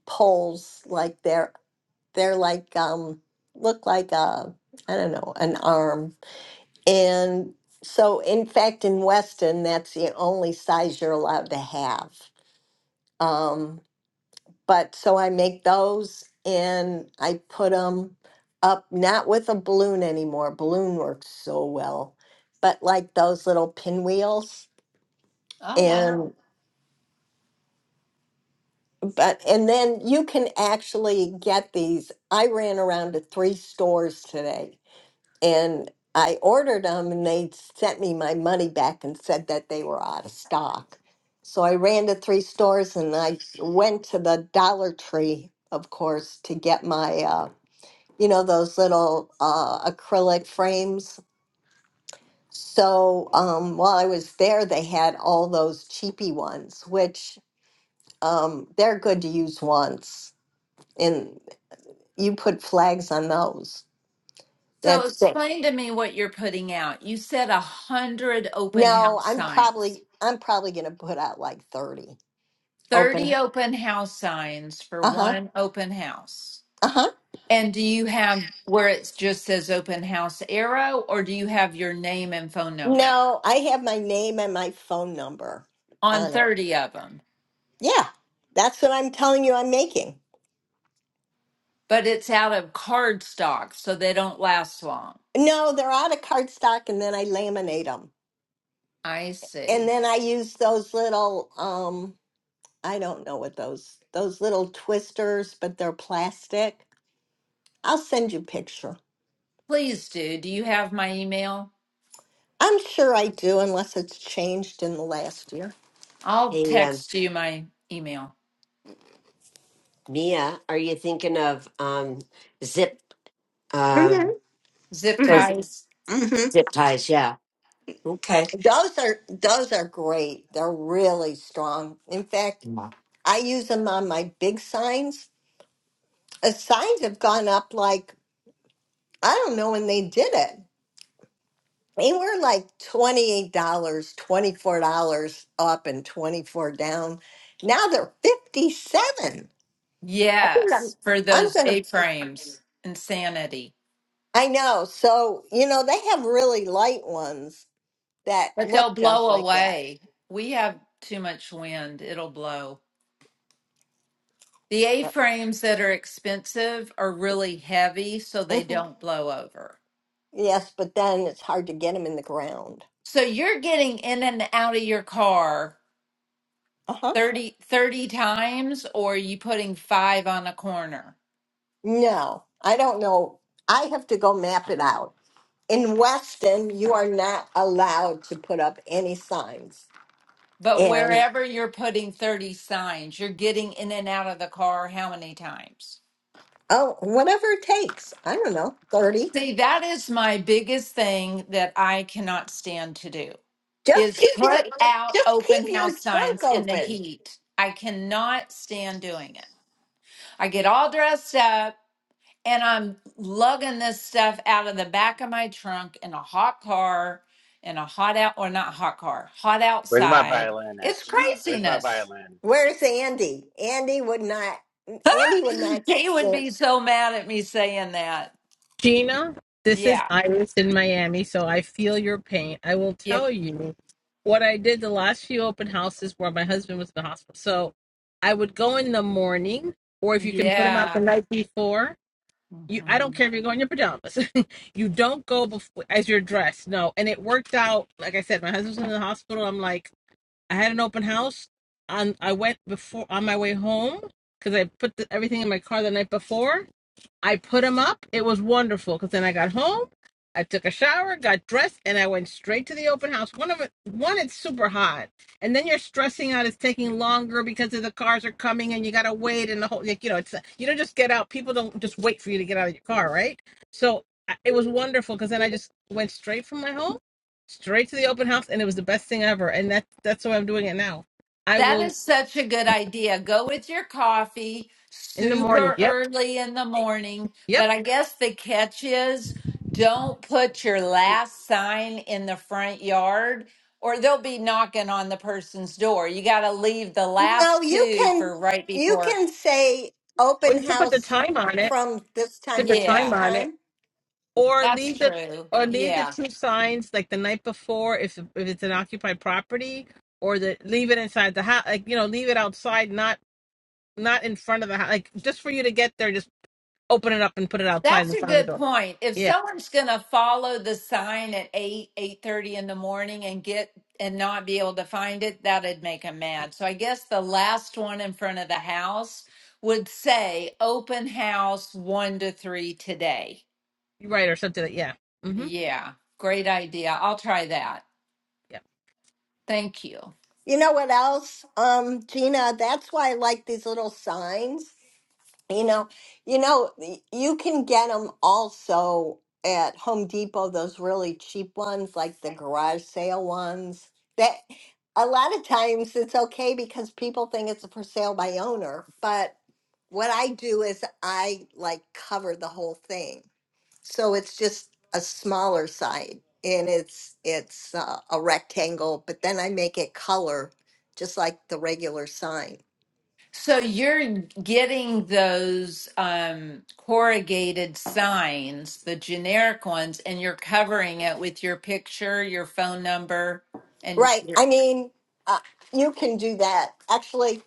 Speaker 2: poles, like they're they're like um, look like a I don't know an arm, and so in fact in Weston that's the only size you're allowed to have. Um, But so I make those and I put them up, not with a balloon anymore. Balloon works so well, but like those little pinwheels.
Speaker 4: Oh,
Speaker 2: Yeah.
Speaker 4: wow.
Speaker 2: And but and then you can actually get these. I ran around to three stores today and I ordered them and they sent me my money back and said that they were out of stock. So I ran to three stores and I went to the Dollar Tree, of course, to get my uh, you know, those little uh, acrylic frames. So um, while I was there, they had all those cheapy ones, which um, they're good to use once. And you put flags on those.
Speaker 4: So
Speaker 2: That's it.
Speaker 4: explain to me what you're putting out. You said a hundred open
Speaker 2: No,
Speaker 4: house
Speaker 2: I'm
Speaker 4: signs.
Speaker 2: probably I'm probably gonna put out like thirty open.
Speaker 4: Thirty open house signs for
Speaker 2: Uh huh.
Speaker 4: one open house.
Speaker 2: Uh huh.
Speaker 4: And do you have where it just says open house arrow, or do you have your name and phone number
Speaker 2: No, I have my name and my phone number
Speaker 4: on
Speaker 2: on it.
Speaker 4: 30 of them?
Speaker 2: Yeah, that's what I'm telling you. I'm making.
Speaker 4: But it's out of cardstock, so they don't last long.
Speaker 2: No, they're out of cardstock, and then I laminate them.
Speaker 4: I
Speaker 2: and
Speaker 4: see.
Speaker 2: then I use those little um I don't know what those those little twisters, but they're plastic. I'll send you a picture.
Speaker 4: Please do. Do you have my email?
Speaker 2: I'm sure I do unless it's changed in the last year.
Speaker 4: I'll
Speaker 7: Hey, um,
Speaker 4: text you my email.
Speaker 7: Mia, are you thinking of um, zip
Speaker 2: Mhm.
Speaker 7: um,
Speaker 4: Zip
Speaker 7: those
Speaker 4: ties.
Speaker 2: Mhm.
Speaker 7: zip ties? Yeah. Okay.
Speaker 2: Those are those are great. They're really strong. In fact,
Speaker 7: Yeah.
Speaker 2: I use them on my big signs. The signs have gone up like I don't know when they did it. They were like $28, dollars, $24 up and 24 down. Now they're 57. I think I'm,
Speaker 4: Yes, for
Speaker 2: I'm
Speaker 4: those
Speaker 2: going to,
Speaker 4: A-frames. Insanity.
Speaker 2: I know. So, you know, they have really light ones that
Speaker 4: But they'll
Speaker 2: look just
Speaker 4: blow
Speaker 2: like that.
Speaker 4: away. We have too much wind. It'll blow. The
Speaker 2: But-
Speaker 4: A-frames that are expensive are really heavy, so they
Speaker 2: Mhm.
Speaker 4: don't blow over.
Speaker 2: Yes, but then it's hard to get them in the ground.
Speaker 4: So you're getting in and out of your car
Speaker 2: Uh huh.
Speaker 4: 30, 30 times or are you putting five on a corner?
Speaker 2: No, I don't know. I have to go map it out. In Weston, you are not allowed to put up any signs.
Speaker 4: But
Speaker 2: and.
Speaker 4: wherever you're putting 30 signs, you're getting in and out of the car how many times?
Speaker 2: Oh, whatever it takes. I don't know, thirty.
Speaker 4: See, that is my biggest thing that I cannot stand to do
Speaker 2: Just
Speaker 4: is
Speaker 2: keep your
Speaker 4: put out
Speaker 2: just keep
Speaker 4: open
Speaker 2: your
Speaker 4: house
Speaker 2: trunk
Speaker 4: signs in the
Speaker 2: open.
Speaker 4: heat. I cannot stand doing it. I get all dressed up and I'm lugging this stuff out of the back of my trunk in a hot car, in a hot out or not hot car, hot
Speaker 6: Where's my
Speaker 4: outside.
Speaker 6: violin at?
Speaker 4: It's
Speaker 6: Where's my
Speaker 4: craziness. *gasps*
Speaker 6: violin?
Speaker 2: Where's Andy? Andy would not. Andy would
Speaker 4: *laughs*
Speaker 2: not.
Speaker 4: They would
Speaker 2: stand-
Speaker 4: be so mad at me saying that.
Speaker 3: Gina, this is
Speaker 4: Yeah.
Speaker 3: Iris in Miami, so I feel your pain. I will
Speaker 4: Yeah.
Speaker 3: tell you what I did the last few open houses where my husband was in the hospital. So I would go in the morning, or if you can put him out the
Speaker 4: Yeah.
Speaker 3: night before. You, I don't
Speaker 4: Mm-hmm.
Speaker 3: care if you go in your pajamas. *laughs* you don't go before as you're dressed. No, and it worked out. Like I said, my husband's in the hospital. I'm like, I had an open house. On I went before on my way home because I put the, everything in my car the night before I put them up. It was wonderful because then I got home, I took a shower, got dressed, and I went straight to the open house. One of it, one it's super hot, and then you're stressing out. It's taking longer because of the cars are coming, and you gotta wait, and the whole like, you know it's you don't just get out. People don't just wait for you to get out of your car, right? So I- it was wonderful because then I just went straight from my home, straight to the open house, and it was the best thing ever. And that's that's why I'm doing it now. I
Speaker 4: That
Speaker 3: will
Speaker 4: is such a good idea. Go with your coffee
Speaker 3: in the morning.
Speaker 4: super
Speaker 3: Yep,
Speaker 4: early in the morning.
Speaker 3: yep.
Speaker 4: But I guess the catch is don't put your last sign in the front yard or they'll be knocking on the person's door. You got to leave the
Speaker 2: No,
Speaker 4: last
Speaker 2: you
Speaker 4: two
Speaker 2: can
Speaker 4: for right
Speaker 2: you
Speaker 4: before.
Speaker 2: can say
Speaker 3: Well, you
Speaker 2: open
Speaker 3: can put the
Speaker 2: house
Speaker 3: time on it.
Speaker 2: from this
Speaker 3: Put
Speaker 2: time
Speaker 3: the
Speaker 2: to this
Speaker 3: time
Speaker 4: Yeah,
Speaker 3: on it
Speaker 2: time.
Speaker 3: or
Speaker 4: that's
Speaker 3: leave the
Speaker 4: true.
Speaker 3: or leave the
Speaker 4: Yeah.
Speaker 3: two signs like the night before if if it's an occupied property or the leave it inside the house like you know leave it outside not not in front of the house like just for you to get there just open it up and put it outside
Speaker 4: That's
Speaker 3: in
Speaker 4: a
Speaker 3: front of the
Speaker 4: good
Speaker 3: door
Speaker 4: point. If
Speaker 3: yeah
Speaker 4: someone's going to follow the sign at 8, 8:30 in the morning and get and not be able to find it, that'd make them mad. So I guess the last one in front of the house would say open house 1 to 3 today.
Speaker 3: you're right or something like yeah mm-hmm
Speaker 4: Yeah, great idea. I'll try that.
Speaker 3: yeah
Speaker 4: Thank you.
Speaker 2: You know what else, um, Gina? That's why I like these little signs You know, you know, you can get them also at Home Depot, those really cheap ones, like the garage sale ones. That a lot of times it's okay because people think it's for sale by owner, but what I do is I like cover the whole thing. So it's just a smaller side and it's it's uh, a rectangle, but then I make it color just like the regular sign.
Speaker 4: So you're getting those um, corrugated signs, the generic ones, and you're covering it with your picture, your phone number, and
Speaker 2: Right.
Speaker 4: Yeah.
Speaker 2: I mean, uh, you can do that. Actually,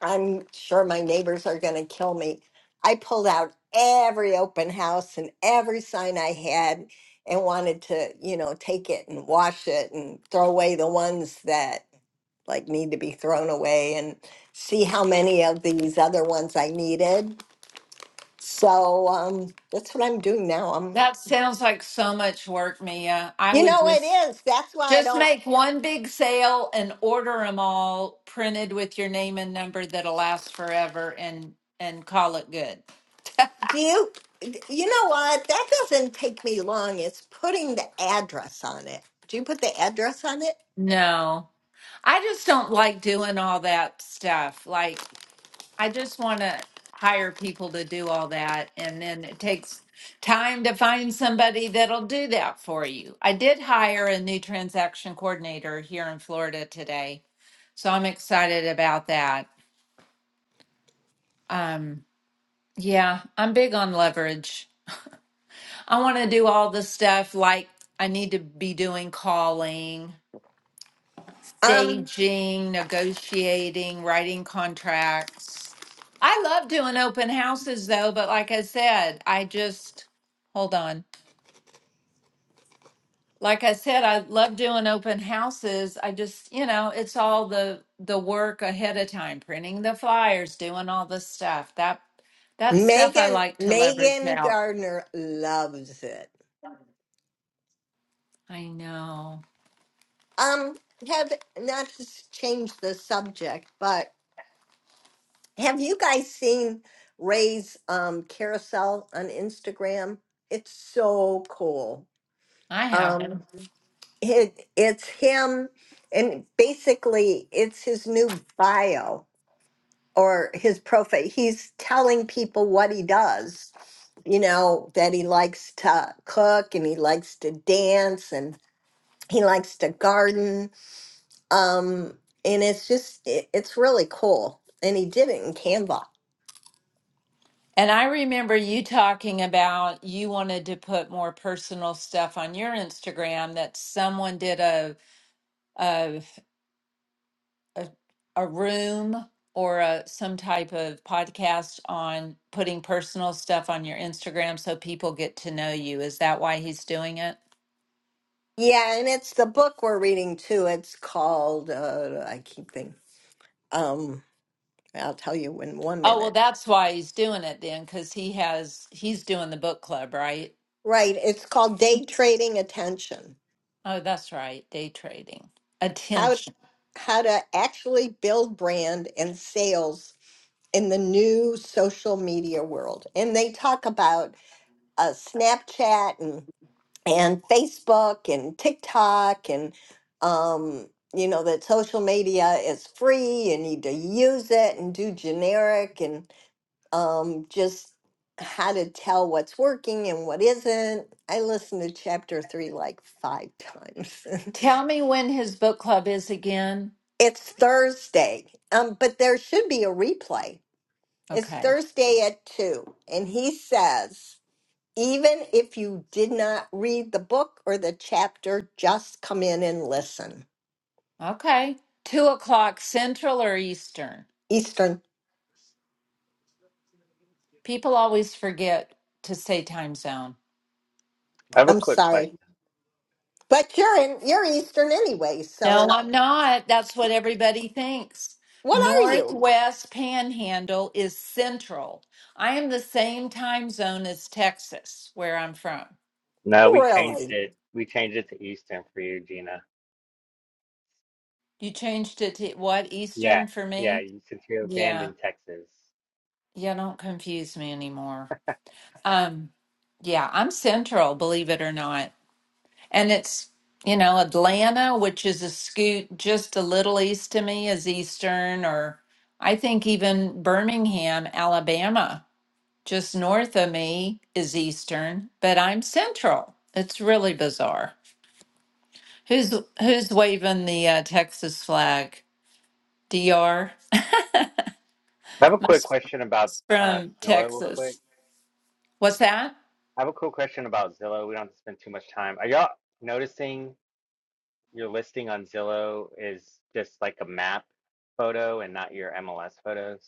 Speaker 2: I'm sure my neighbors are going to kill me. I pulled out every open house and every sign I had and wanted to, you know, take it and wash it and throw away the ones that like need to be thrown away and see how many of these other ones I needed. So um, that's what I'm doing now. I'm,
Speaker 4: that sounds like so much work, Mia. I
Speaker 2: you
Speaker 4: would
Speaker 2: know, it
Speaker 4: just
Speaker 2: is. That's why I
Speaker 4: just
Speaker 2: don't
Speaker 4: make one big sale and order them all printed with your name and number that'll last forever, and and call it good.
Speaker 2: Do you, you know what? That doesn't take me long. It's putting the address on it. Do you put the address on it?
Speaker 4: No, I just don't like doing all that stuff. Like I just want to hire people to do all that. And then it takes time to find somebody that'll do that for you. I did hire a new transaction coordinator here in Florida today. So I'm excited about that. Um, yeah, I'm big on leverage. I want to do all the stuff like I need to be doing calling.
Speaker 2: Um,
Speaker 4: staging, negotiating, writing contracts. I love doing open houses though, but like I said, I just hold on. Like I said, I love doing open houses. I just, you know, it's all the the work ahead of time, printing the flyers, doing all the stuff. That that stuff I
Speaker 2: Megan,
Speaker 4: like to leverage
Speaker 2: Megan
Speaker 4: out.
Speaker 2: Gardner loves it.
Speaker 4: I know.
Speaker 2: Um, have not to s- change the subject, but have you guys seen Ray's um carousel on Instagram? It's so cool.
Speaker 4: I have.
Speaker 2: Um, it it's him, and basically it's his new bio or his profile. He's telling people what he does, you know, that he likes to cook and he likes to dance and he likes to garden. Um, and it's just, it, it's really cool. And he did it in Canva.
Speaker 4: And I remember you talking about you wanted to put more personal stuff on your Instagram that someone did a a a, a room or a, some type of podcast on putting personal stuff on your Instagram so people get to know you. Is that why he's doing it?
Speaker 2: Yeah, and it's the book we're reading too. It's called, uh, I keep thinking, um, I'll tell you in one
Speaker 4: Oh, well,
Speaker 2: minute.
Speaker 4: that's why he's doing it then, because he has he's doing the book club, right?
Speaker 2: Right, it's called Day Trading Attention.
Speaker 4: Oh, that's right, day trading.
Speaker 2: How
Speaker 4: Attention.
Speaker 2: how to actually build brand and sales in the new social media world and they talk about uh, snapchat and and facebook and tiktok and um, you know that social media is free and you need to use it and do generic and um, just how to tell what's working and what isn't i listened to chapter three like five times
Speaker 4: Tell me when his book club is again.
Speaker 2: *laughs* it's thursday um, but there should be a replay it's
Speaker 4: Okay.
Speaker 2: thursday at two and he says Even if you did not read the book or the chapter, just come in and listen.
Speaker 4: Okay. Two o'clock Central or Eastern?
Speaker 2: Eastern,
Speaker 4: People always forget to say time zone.
Speaker 6: I have a
Speaker 2: I'm
Speaker 6: quick question.
Speaker 2: sorry. But you're in you're Eastern anyway,
Speaker 4: No,
Speaker 2: so
Speaker 4: I'm not. That's what everybody thinks.
Speaker 2: what are you?
Speaker 4: Northwest Panhandle is Central. I am the same time zone as Texas, where I'm from.
Speaker 6: No, we changed
Speaker 2: Really?
Speaker 6: it. We changed it to Eastern for you, Gina.
Speaker 4: You changed it to what?
Speaker 6: Yeah,
Speaker 4: Eastern for
Speaker 6: yeah.
Speaker 4: me?
Speaker 6: You, since you're banned
Speaker 4: Yeah.
Speaker 6: in Texas,
Speaker 4: Yeah, don't confuse me anymore. Um, yeah, I'm Central, believe it or not. And it's, you know, Atlanta, which is a scoot just a little east to me, is Eastern, or I think even Birmingham, Alabama, just north of me is Eastern, but I'm Central. It's really bizarre. Who's who's waving the uh, Texas flag? DR
Speaker 6: I have a quick
Speaker 4: Must be
Speaker 6: question about uh,
Speaker 4: from
Speaker 6: Zillow, real quick.
Speaker 4: Texas. What's that?
Speaker 6: I have a quick question about Zillow. We don't have to spend too much time. Are y'all noticing your listing on Zillow is just like a map photo and not your MLS photos?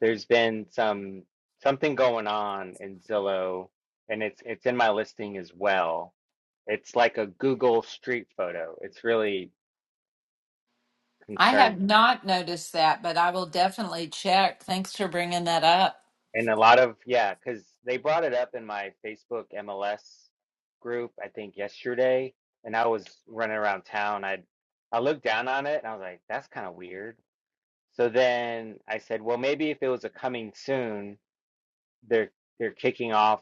Speaker 6: There's been some something going on in Zillow, and it's it's in my listing as well. It's like a Google Street photo. It's really
Speaker 4: I have
Speaker 6: concerning.
Speaker 4: not noticed that, but I will definitely check. Thanks for bringing that up.
Speaker 6: And a lot of, yeah, because they brought it up in my Facebook MLS group, I think yesterday, and I was running around town. I I looked down on it and I was like, that's kind of weird. So then I said, well, maybe if it was a coming soon, they're they're kicking off.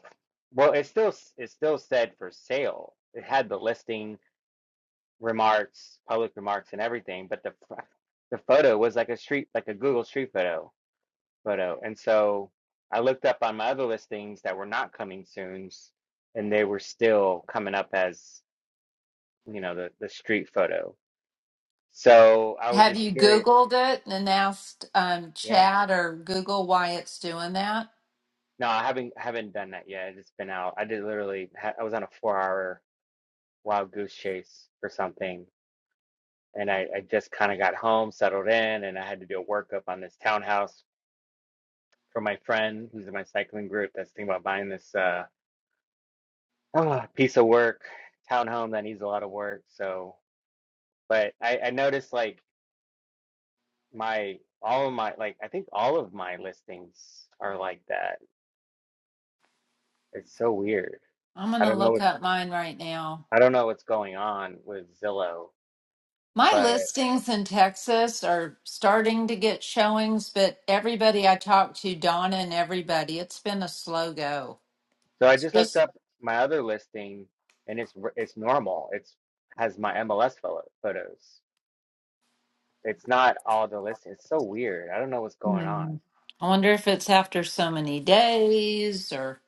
Speaker 6: Well, it still s- it still said for sale. It had the listing remarks, public remarks, and everything, but the fr- the photo was like a street, like a Google Street photo photo. And so I looked up on my other listings that were not coming soons, and they were still coming up as, you know, the the street photo. So I was
Speaker 4: Have
Speaker 6: just
Speaker 4: you
Speaker 6: curious.
Speaker 4: Googled it and asked um,
Speaker 6: Yeah.
Speaker 4: Chat or Google why it's doing that?
Speaker 6: No, I haven't haven't done that yet. It's been out. I did literally ha I was on a four hour wild goose chase for something, and I, I just kind of got home, settled in, and I had to do a workup on this townhouse for my friend who's in my cycling group that's thinking about buying this uh *sighs* ah, piece of work townhome that needs a lot of work. So But I, I noticed like my all of my like I think all of my listings are like that. It's so weird.
Speaker 4: I'm going
Speaker 6: I
Speaker 4: to
Speaker 6: don't know
Speaker 4: look
Speaker 6: what's
Speaker 4: up mine right now.
Speaker 6: I don't know what's going on with Zillow,
Speaker 4: My
Speaker 6: but
Speaker 4: listings in Texas are starting to get showings, but everybody I talk to, Donna and everybody, it's been a slow go.
Speaker 6: so I
Speaker 4: It's
Speaker 6: just looked
Speaker 4: just,
Speaker 6: up my other listing and it's r- it's normal. It's has my MLS photo, photos. It's not all the listings. It's so weird. I don't know what's going on.
Speaker 4: hmm. I wonder if it's after so many days or,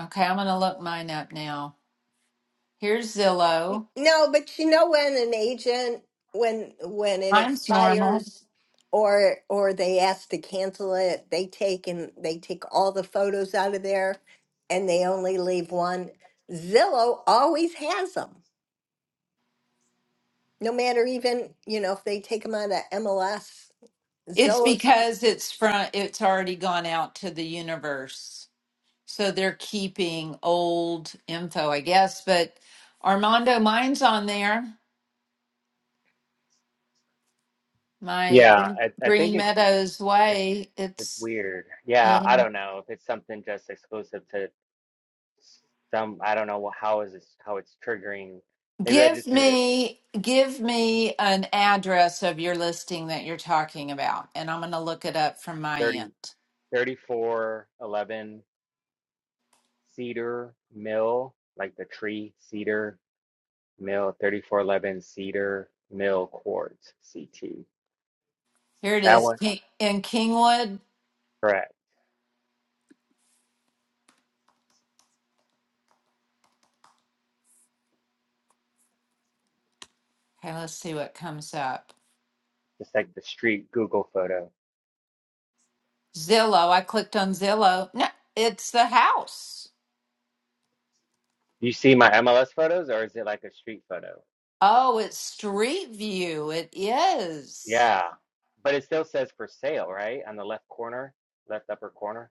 Speaker 4: okay, I'm going to look mine up now. Here's Zillow.
Speaker 2: No, but you know when an agent when when it
Speaker 4: Mine's normal.
Speaker 2: expires or or they ask to cancel it, they take and they take all the photos out of there and they only leave one. Zillow always has them. No matter even, you know, if they take them out of MLS,
Speaker 4: It's
Speaker 2: Zillow's.
Speaker 4: because it's from it's already gone out to the universe. So they're keeping old info, I guess. But Armando, mine's on there. My
Speaker 6: Yeah,
Speaker 4: Green
Speaker 6: I, I think
Speaker 4: Green
Speaker 6: it's
Speaker 4: Meadows
Speaker 6: it's
Speaker 4: Way.
Speaker 6: it's
Speaker 4: It's
Speaker 6: weird. Yeah,
Speaker 4: yeah.
Speaker 6: I don't know if it's something just exclusive to some I don't know wha- how is this how it's triggering. Maybe I
Speaker 4: Give
Speaker 6: just need a
Speaker 4: me give me an address of your listing that you're talking about, and I'm gonna look it up from my
Speaker 6: thirty
Speaker 4: end.
Speaker 6: thirty four eleven cedar mill, like the tree cedar mill 3411 cedar mill quartz CT.
Speaker 4: Here it
Speaker 6: That
Speaker 4: is
Speaker 6: one
Speaker 4: Ki- in Kingwood.
Speaker 6: correct.
Speaker 4: Okay, let's see what comes up.
Speaker 6: Just like the street Google photo.
Speaker 4: Zillow. I clicked on Zillow. No, it's the house.
Speaker 6: Do you see my MLS photos or is it like a street photo?
Speaker 4: Oh, it's Street View. It is.
Speaker 6: Yeah. But it still says for sale, right? On the left corner, left upper corner.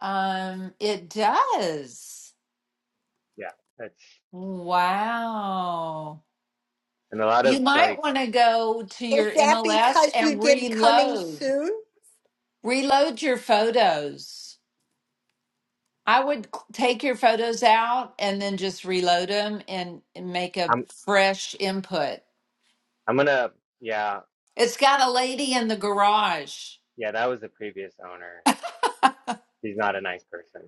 Speaker 4: Um, it does.
Speaker 6: Yeah. That's
Speaker 4: Wow.
Speaker 6: and a lot
Speaker 4: You
Speaker 6: of like
Speaker 4: might want to go to
Speaker 2: Is
Speaker 4: your
Speaker 2: that
Speaker 4: MLS
Speaker 2: because you
Speaker 4: and
Speaker 2: did coming
Speaker 4: reload.
Speaker 2: soon?
Speaker 4: Reload your photos. I would c- take your photos out and then just reload them and and make a
Speaker 6: I'm
Speaker 4: fresh input.
Speaker 6: I'm gonna yeah
Speaker 4: It's got a lady in the garage.
Speaker 6: Yeah, that was the previous owner. She's not a nice person.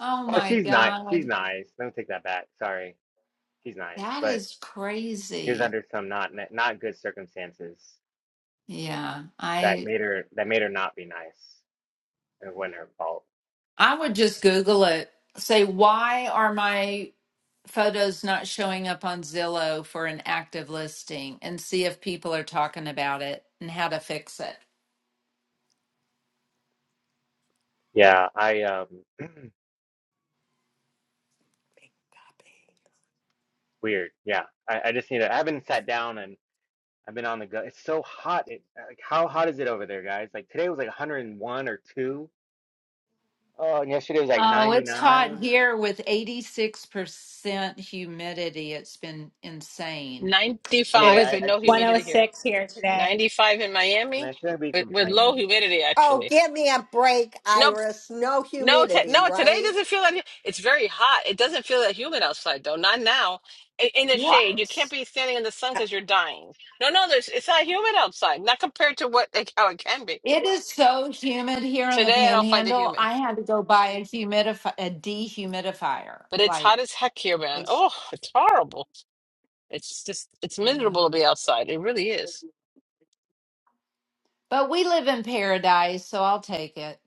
Speaker 4: Oh
Speaker 6: Oh,
Speaker 4: my
Speaker 6: she's nice. She's
Speaker 4: God.
Speaker 6: nice. Let me take that back. Sorry, she's nice,
Speaker 4: That
Speaker 6: but
Speaker 4: is
Speaker 6: she was
Speaker 4: crazy.
Speaker 6: under some not ni- not good circumstances
Speaker 4: Yeah.
Speaker 6: that
Speaker 4: I
Speaker 6: made her that made her not be nice. And It wasn't her fault.
Speaker 4: I would just Google it. Say, why are my photos not showing up on Zillow for an active listing and see if people are talking about it and how to fix it.
Speaker 6: Yeah, I um weird. Yeah, I, I just need to. I haven't sat down and I've been on the go. It's so hot. It, like how hot is it over there, guys? Like today was like 101 or two. Oh, and yesterday was like
Speaker 4: Oh, it's hot
Speaker 6: 99.
Speaker 4: here with 86% humidity. It's been insane.
Speaker 6: I
Speaker 8: It
Speaker 6: mean,
Speaker 3: 95
Speaker 6: I,
Speaker 8: was
Speaker 3: and
Speaker 6: I
Speaker 3: no
Speaker 6: shouldn't.
Speaker 3: humidity here.
Speaker 8: 106 here today.
Speaker 3: 95 in
Speaker 6: I mean,
Speaker 3: Miami
Speaker 6: I shouldn't be
Speaker 3: with, with low
Speaker 6: complaining.
Speaker 3: humidity,
Speaker 2: Oh,
Speaker 3: actually.
Speaker 2: give me a break,
Speaker 3: No
Speaker 2: Iris. No
Speaker 3: No, t
Speaker 2: humidity,
Speaker 3: no, today
Speaker 2: right?
Speaker 3: doesn't feel like it's very hot. It doesn't feel that humid outside though. Not now. In, in the shade, you
Speaker 4: What?
Speaker 3: can't be standing in the sun
Speaker 2: Uh,
Speaker 3: because you're dying. No, no, there's it's not humid outside. Not compared to what like, how it can be.
Speaker 4: It is so humid here in the
Speaker 3: Today, I don't find it
Speaker 4: panhandle.
Speaker 3: humid,
Speaker 4: I had to go buy a humidifier, a dehumidifier.
Speaker 3: but it's hot
Speaker 4: Like
Speaker 3: as heck here, man.
Speaker 4: it's
Speaker 3: Oh, it's horrible. It's just it's
Speaker 4: yeah.
Speaker 3: miserable to be outside. It really is.
Speaker 4: But we live in paradise, so I'll take it.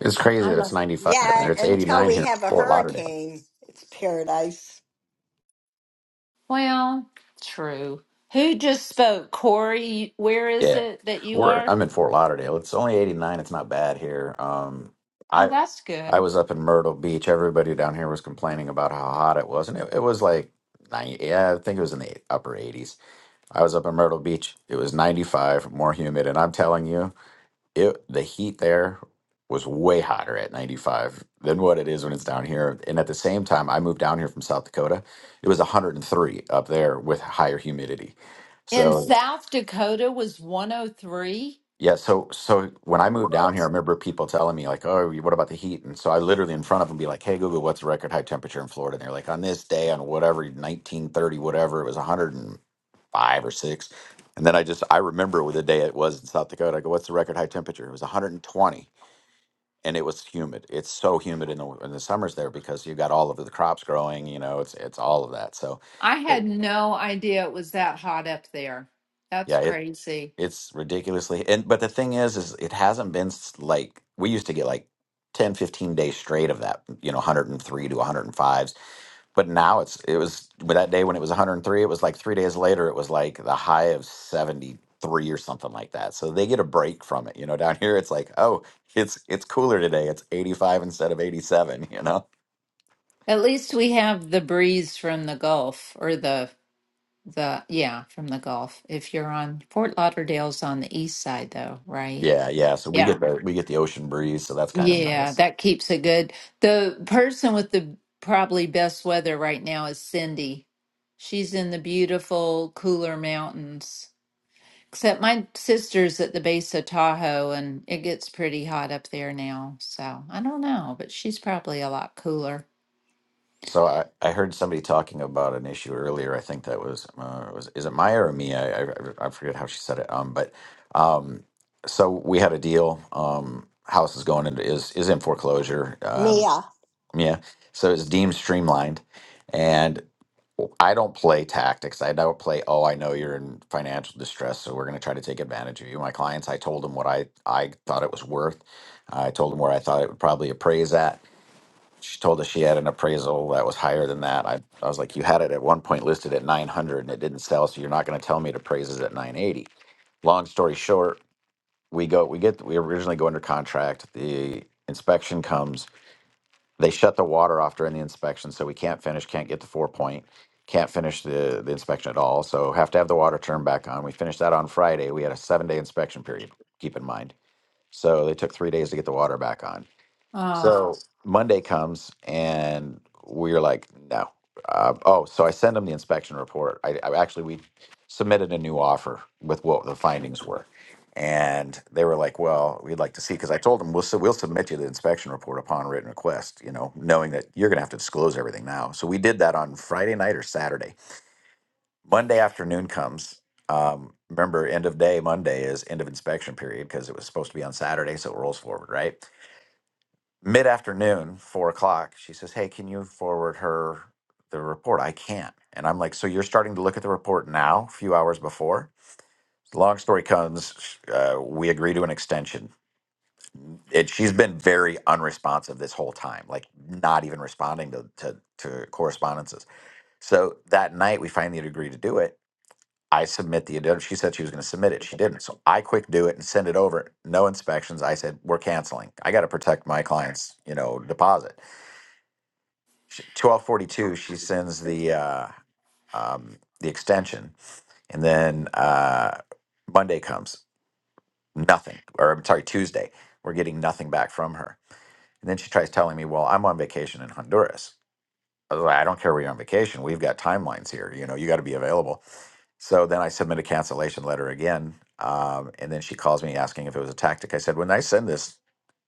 Speaker 9: It's crazy
Speaker 4: I
Speaker 9: that it's
Speaker 4: love.
Speaker 9: 95 down
Speaker 2: Yeah,
Speaker 9: there. It's
Speaker 2: until
Speaker 9: 89
Speaker 2: we
Speaker 9: here in
Speaker 2: have a
Speaker 9: Fort Lauderdale.
Speaker 2: hurricane. It's paradise.
Speaker 4: Well, true. Who just spoke? Corey, where is
Speaker 9: Yeah.
Speaker 4: it that you
Speaker 9: We're
Speaker 4: are?
Speaker 9: I'm in Fort Lauderdale. It's only 89. It's not bad here. Um
Speaker 4: Oh,
Speaker 9: I
Speaker 4: that's
Speaker 9: I
Speaker 4: good.
Speaker 9: was up in Myrtle Beach. Everybody down here was complaining about how hot it was and it, it was like 90, yeah, I think it was in the upper 80s. I was up in Myrtle Beach. It was 95, more humid and I'm telling you. it the heat there was way hotter at 95 than what it is when it's down here and at the same time i moved down here from south dakota it was 103 up there with higher humidity
Speaker 4: In
Speaker 9: so
Speaker 4: South Dakota was 103.
Speaker 9: yeah so so when i moved down here i
Speaker 4: What?
Speaker 9: remember people telling me like oh what about the heat and so i literally in front of them be like hey google what's the record high temperature in florida and they're like on this day on whatever 1930 whatever it was 105 or 6 and then i just i remember the day it was in south dakota i go what's the record high temperature it was 120 and it was humid. It's so humid in the in the summers there because you have got all of the crops growing. You know, it's it's all of that. So,
Speaker 4: I
Speaker 9: but
Speaker 4: had no idea it was that hot up there. That's
Speaker 9: yeah, it
Speaker 4: crazy.
Speaker 9: it's ridiculously. And but the thing is, is it hasn't been s- like we used to get like 10, 15 days straight of that. You know, 103 to 105s. But now it's it was but that day when it was 103, it was like three days later. It was like the high of 73 or something like that. So they get a break from it. You know, down here it's like, oh, it's it's cooler today. It's 85 instead of 87, you know
Speaker 4: At least we have the breeze from the Gulf or the the yeah, from the Gulf. If you're on Fort Lauderdale's on the east side though, right?
Speaker 9: Yeah, yeah. So we
Speaker 4: Yeah.
Speaker 9: get the we get the ocean breeze, so that's kind of
Speaker 4: Yeah,
Speaker 9: nice.
Speaker 4: that keeps it good. The person with the probably best weather right now is Cindy. She's in the beautiful, cooler mountains. Except my sister's at the base of Tahoe and it gets pretty hot up there now. So I don't know, but she's probably a lot cooler.
Speaker 9: So I, I heard somebody talking about an issue earlier. I think that was uh, was is it Maya or me? I, I I forget how she said it. Um, but um, so we had a deal. Um, house is going into is is in foreclosure. Um,
Speaker 2: Mia,
Speaker 9: yeah. So it's deemed streamlined, and I don't play tactics. I don't play, oh, I know you're in financial distress, so we're going to try to take advantage of you. My clients, I told them what I, I thought it was worth. I told them where I thought it would probably appraise at. She told us she had an appraisal that was higher than that. I, I was like, you had it at one point listed at 900 and it didn't sell, so you're not going to tell me it appraises at 980. Long story short, we go, we get, we originally go under contract. The inspection comes they shut the water off during the inspection, so we can't finish, can't get the four point, can't finish the, the inspection at all. So have to have the water turned back on. We finished that on Friday. We had a seven day inspection period, keep in mind. So they took three days to get the water back on.
Speaker 4: Oh,
Speaker 9: So Monday comes and we're like, no. Uh, oh, so I send them the inspection report. I, I actually we submitted a new offer with what the findings were, and they were like, well, we'd like to see because I told them we'll su- we'll submit you the inspection report upon written request. You know, knowing that you're gonna have to disclose everything now. So we did that on Friday night or Saturday. Monday afternoon comes. Um, remember, end of day Monday is end of inspection period because it was supposed to be on Saturday, so it rolls forward, right? mid afternoon, four o'clock, she says, Hey, can you forward her the report? I can't. And I'm like, So you're starting to look at the report now, a few hours before? Long story comes, uh, we agree to an extension. It, she's been very unresponsive this whole time, like not even responding to, to, to correspondences. So that night, we finally agree to do it. I submit the addendum. She said she was going to submit it. She didn't. So I quick do it and send it over. No inspections. I said, we're canceling. I got to protect my client's, you know, deposit. sh- twelve forty two, she sends the uh, um, the extension, and then uh, Monday comes, nothing. Or I'm sorry, Tuesday, we're getting nothing back from her. And then she tries telling me, "Well, I'm on vacation in Honduras." I was like, "I don't care where you're on vacation. We've got timelines here. You know, you got to be available." So then I submit a cancellation letter again, um, and then she calls me asking if it was a tactic. I said, "When I send this,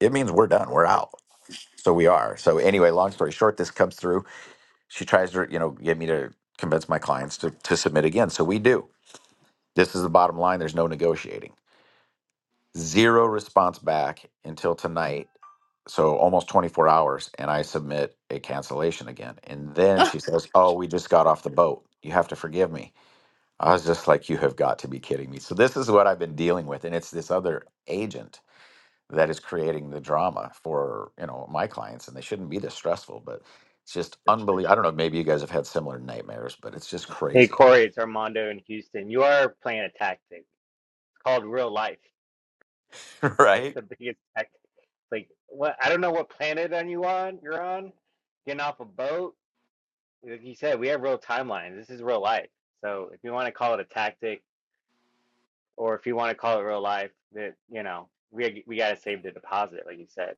Speaker 9: it means we're done. We're out." So we are. So anyway, long story short, this comes through. she tries to you know get me to convince my clients to, to submit again so we do this is the bottom line there's no negotiating zero response back until tonight so almost 24 hours and i submit a cancellation again and then
Speaker 4: Ah,
Speaker 9: she says oh we just got off the boat you have to forgive me i was just like you have got to be kidding me so this is what i've been dealing with and it's this other agent that is creating the drama for you know my clients and they shouldn't be this stressful but it's just unbelievable i don't know maybe you guys have had similar nightmares but it's just
Speaker 6: Hey
Speaker 9: crazy
Speaker 6: Corey, it's Armando in Houston. You are playing a tactic. It's called real life.
Speaker 9: *laughs*
Speaker 6: *laughs* That's
Speaker 9: right
Speaker 6: the biggest tactic. Like what I don't know what planet on you on you're on. Getting off a boat. Like you said, we have real timelines. This is real life. So if you want to call it a tactic or if you want to call it real life, that you know, we we gotta save the deposit, like you said.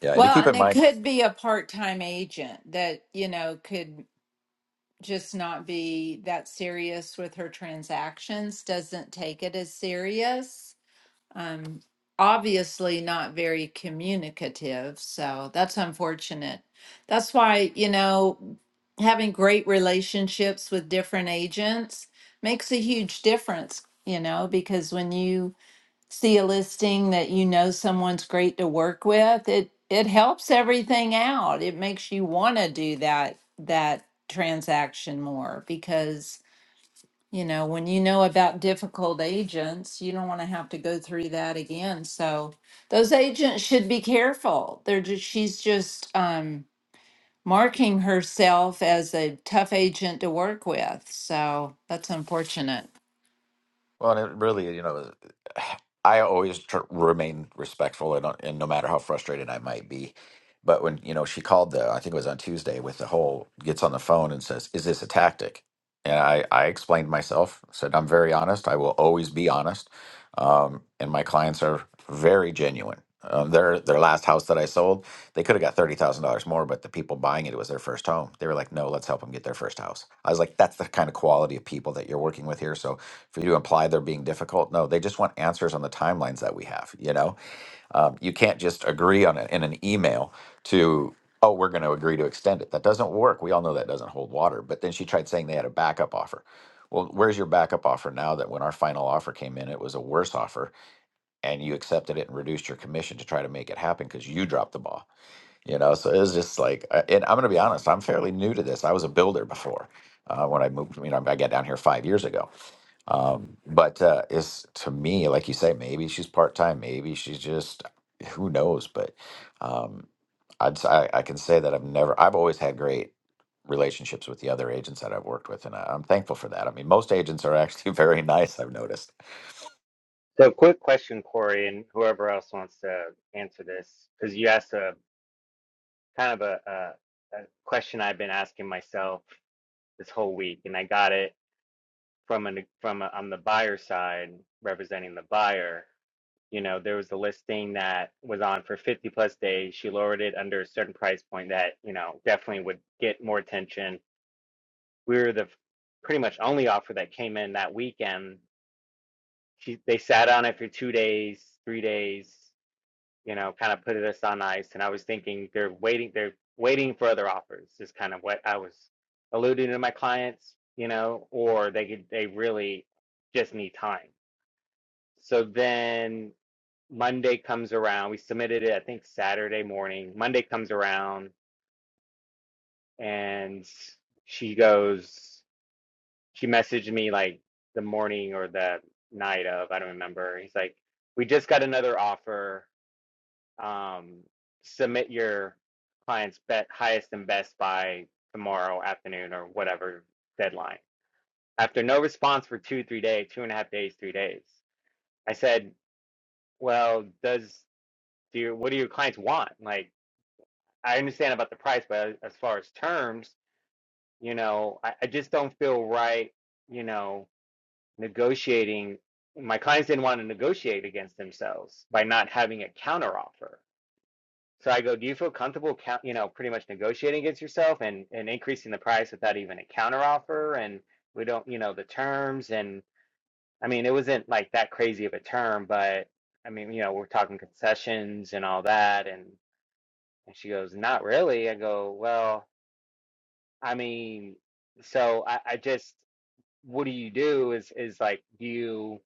Speaker 9: yeah and to
Speaker 4: well,
Speaker 9: keep
Speaker 4: and
Speaker 9: in
Speaker 4: it
Speaker 9: mind
Speaker 4: could be a part time agent that, you know, could just not be that serious with her transactions, doesn't take it as serious um, obviously not very communicative. So that's unfortunate. That's why, you know, having great relationships with different agents makes a huge difference, you know, because when you see a listing that you know someone's great to work with, it it helps everything out. It makes you want to do that that transaction more because you know, when you know about difficult agents, you don't want to have to go through that again. So those agents should be careful. They're just, she's just um, marking herself as a tough agent to work with. So that's unfortunate.
Speaker 9: Well, and it really, you know, I always tr remain respectful, and, uh, and no matter how frustrated I might be, but when you know she called the, I think it was on Tuesday, with the whole gets on the phone and says, "Is this a tactic?" And I, I explained myself, said I'm very honest. I will always be honest, um, and my clients are very genuine. Um, their their last house that I sold. They could have got thirty thousand dollars more, but the people buying it, it was their first home. They were like, "No, let's help them get their first house." I was like, "That's the kind of quality of people that you're working with here." So for you to imply they're being difficult, no, they just want answers on the timelines that we have. You know, um, you can't just agree on it in an email to, "Oh, we're going to agree to extend it." That doesn't work. We all know that doesn't hold water. But then she tried saying they had a backup offer. Well, where's your backup offer now that when our final offer came in, it was a worse offer and you accepted it and reduced your commission to try to make it happen because you dropped the ball? you know so it was just like uh, and i'm going to be honest i'm fairly new to this i was a builder before uh, when i moved you know i got down here five years ago um, but uh, it's to me like you say maybe she's part-time maybe she's just who knows but um, I'd, s- I, I can say that i've never i've always had great relationships with the other agents that i've worked with and I, i'm thankful for that i mean most agents are actually *laughs* very nice i've noticed
Speaker 6: So quick question, Corey, and whoever else wants to answer this, because you asked a kind of a, a, a question I've been asking myself this whole week, and I got it from an from a, on the buyer side representing the buyer. You know, there was a listing that was on for 50 plus days. She lowered it under a certain price point that you know definitely would get more attention. We were the pretty much only offer that came in that weekend. She they sat on it for two days, three days. you know, kind of put us on ice. And I was thinking they're waiting, they're waiting for other offers is kind of what I was alluding to my clients, you know, or they could, they really just need time. So then Monday comes around. We submitted it, I think Saturday morning. Monday comes around and she goes, she messaged me like the morning or the night of, I don't remember. He's like, we just got another offer um, submit your client's bet highest and best by tomorrow afternoon or whatever deadline. After no response for two, three days, two and a half days, three days, I said, "Well, does do your, what do your clients want? Like, I understand about the price, but as far as terms, you know, I, I just don't feel right, you know, negotiating. My clients didn't want to negotiate against themselves by not having a counteroffer So I go, do you feel comfortable, you know, pretty much negotiating against yourself and and increasing the price without even a counteroffer? And we don't, you know, the terms. And I mean, it wasn't like that crazy of a term, but I mean, you know, we're talking concessions and all that. And and she goes, not really. I go, well, I mean, so I, I just, what do you do? Is is like, do you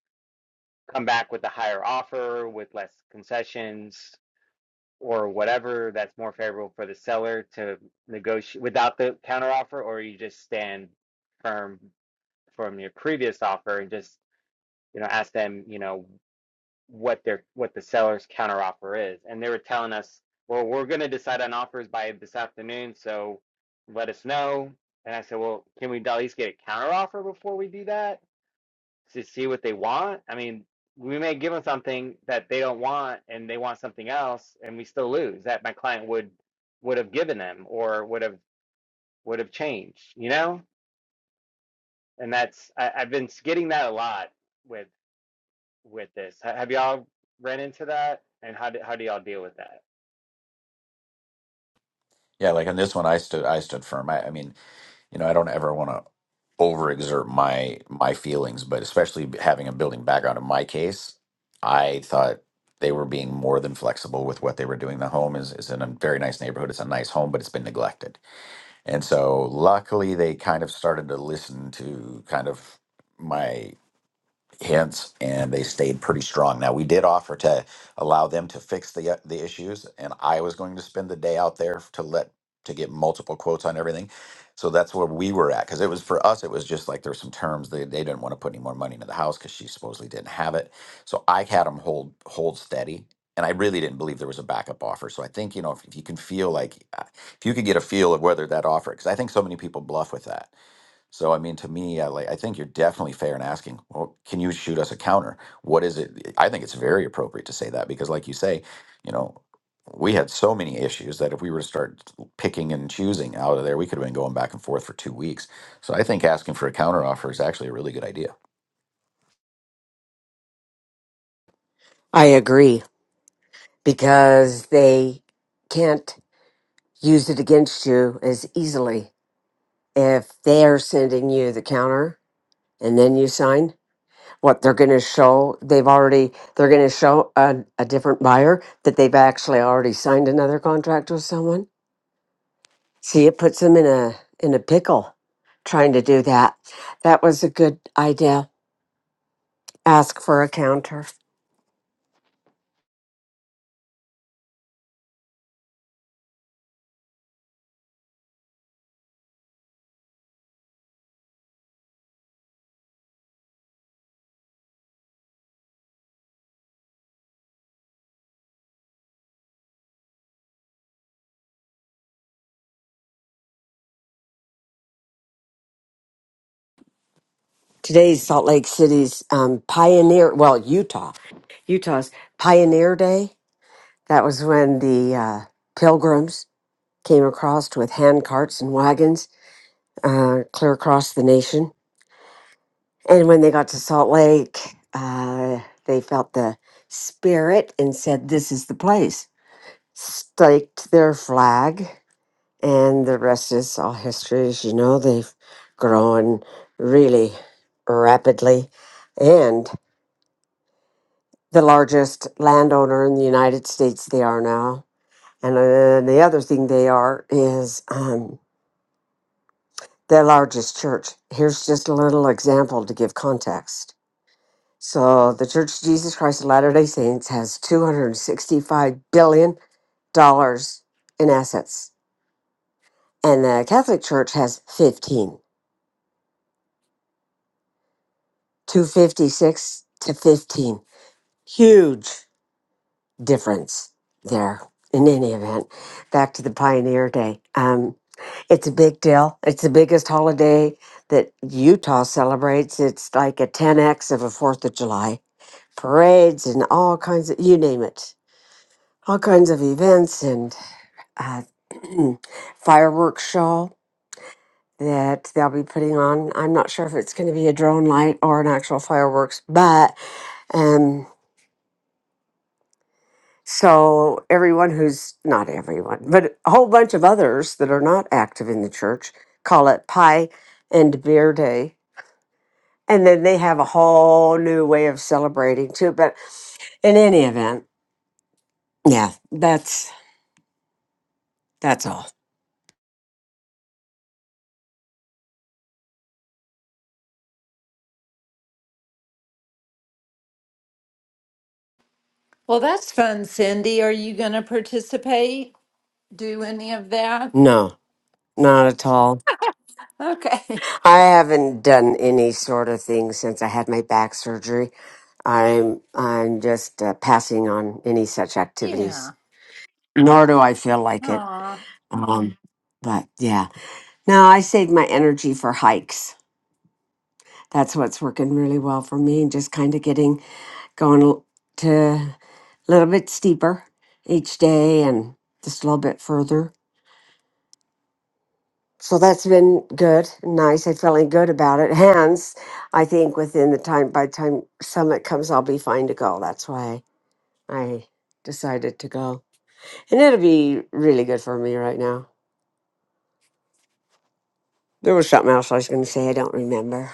Speaker 6: come back with a higher offer with less concessions? or whatever that's more favorable for the seller to negotiate without the counteroffer, or you just stand firm from your previous offer and just you know ask them you know what their what the seller's counteroffer is, and they were telling us, well, we're going to decide on offers by this afternoon, so let us know. And I said, well, can we at least get a counteroffer before we do that? to see what they want. I mean, we may give them something that they don't want and they want something else and we still lose that my client would would have given them or would have would have changed, you know? And that's I, I've been getting that a lot with with this. Ha- Have y'all ran into that? And how do how do y'all deal with that?
Speaker 9: yeah like on this one i stood i stood firm i, I mean you know, I don't ever want to overexert my my feelings, but especially having a building background in my case, I thought they were being more than flexible with what they were doing. The home is is in a very nice neighborhood. It's a nice home, but it's been neglected. And so luckily they kind of started to listen to kind of my hints and they stayed pretty strong. Now we did offer to allow them to fix the uh, the issues and I was going to spend the day out there to let to get multiple quotes on everything. So that's where we were at cuz it was for us it was just like there's some terms they they didn't want to put any more money into the house cuz she supposedly didn't have it. So I had them hold hold steady and I really didn't believe there was a backup offer. So I think, you know, if, if you can feel like uh, if you could get a feel of whether that offer cuz I think so many people bluff with that so I mean, to me, I like I think you're definitely fair in asking. Well, can you shoot us a counter? What is it? eh, I think it's very appropriate to say that because, like you say, you know, we had so many issues that if we were to start picking and choosing out of there, we could have been going back and forth for two weeks. So I think asking for a counter offer is actually a really good idea.
Speaker 7: I agree because they can't use it against you as easily if they're sending you the counter and then you sign what they're going to show they've already they're going to show a, a different buyer that they've actually already signed another contract with someone See, it puts them in a in a pickle trying to do that. That was a good idea. Ask for a counter. Today's Salt Lake City's um, pioneer, well, Utah, Utah's Pioneer Day. That was when the uh, pilgrims came across with hand carts and wagons uh, clear across the nation. And when they got to Salt Lake, uh, they felt the spirit and said, "This is the place." Staked their flag And the rest is all history. As you know, they've grown really rapidly. And the largest landowner in the United States, they are now. And uh, the other thing they are is um, the largest church. Here's just a little example to give context. So, the Church of Jesus Christ of Latter day Saints has $265 billion dollars in assets, and the Catholic Church has 15. 256 to 15. Huge difference there in any event. Back to the Pioneer Day. Um, it's a big deal. It's the biggest holiday that Utah celebrates. It's like a 10x of a 4th of July. Parades and all kinds of, you name it, all kinds of events and uh, *clears throat* fireworks show that they'll be putting on. I'm not sure if it's going to be a drone light or an actual fireworks, but. um, So, everyone who's not everyone, but a whole bunch of others that are not active in the church call it Pie and Beer Day. And then they have a whole new way of celebrating too. But in any event, yeah, that's that's all.
Speaker 4: Well, that's fun, Cindy. Are you going to participate? Do any of that?
Speaker 7: No, not at all.
Speaker 4: Okay. *laughs*
Speaker 7: I haven't done any sort of thing since I had my back surgery. I'm I'm just uh, passing on any such activities.
Speaker 4: Yeah.
Speaker 7: Nor do I feel like it.
Speaker 4: Aw.
Speaker 7: Um, but yeah. Now I save my energy for hikes. That's what's working really well for me, and just kind of getting going l- to a little bit steeper each day and just a little bit further. So that's been good, and nice. I'm feeling good about it. Hence, I think within the time by the time summit comes, I'll be fine to go. That's why I decided to go, and it'll be really good for me right now. There was something else I was going to say. I don't remember.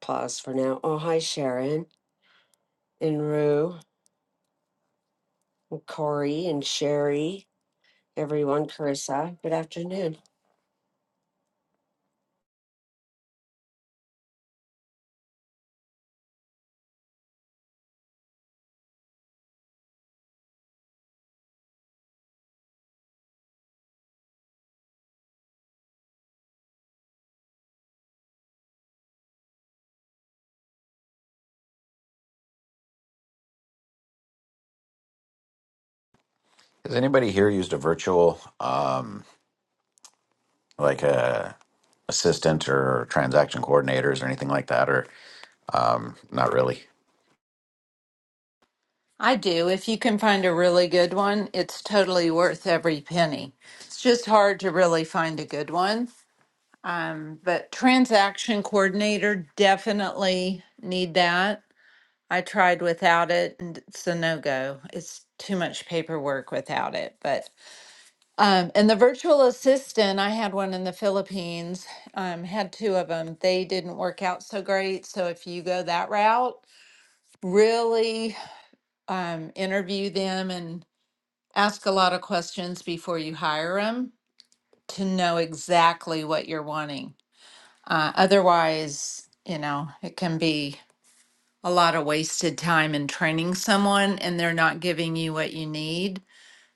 Speaker 7: Pause for now. Oh, hi, Sharon and Rue. Corey and Sherry, everyone, Carissa. Good afternoon.
Speaker 9: Has anybody here used a virtual, um, like a assistant or transaction coordinators or anything like that, or um, not really?
Speaker 4: I do. If you can find a really good one, it's totally worth every penny. It's just hard to really find a good one. Um, but transaction coordinator definitely need that. I tried without it and it's a no go. It's too much paperwork without it. But um, and the virtual assistant, I had one in the Philippines, um, had two of them. They didn't work out so great. So if you go that route, really um, interview them and ask a lot of questions before you hire them to know exactly what you're wanting Uh, otherwise, you know, it can be a lot of wasted time in training someone and they're not giving you what you need.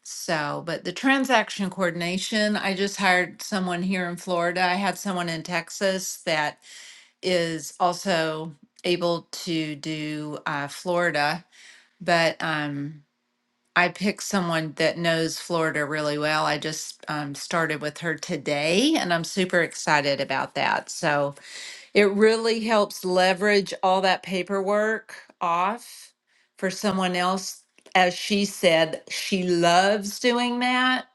Speaker 4: So, but the transaction coordination, I just hired someone here in Florida. I had someone in Texas that is also able to do uh, Florida, but um, I picked someone that knows Florida really well. I just um, started with her today and I'm super excited about that. So, it really helps leverage all that paperwork off for someone else. As she said, she loves doing that.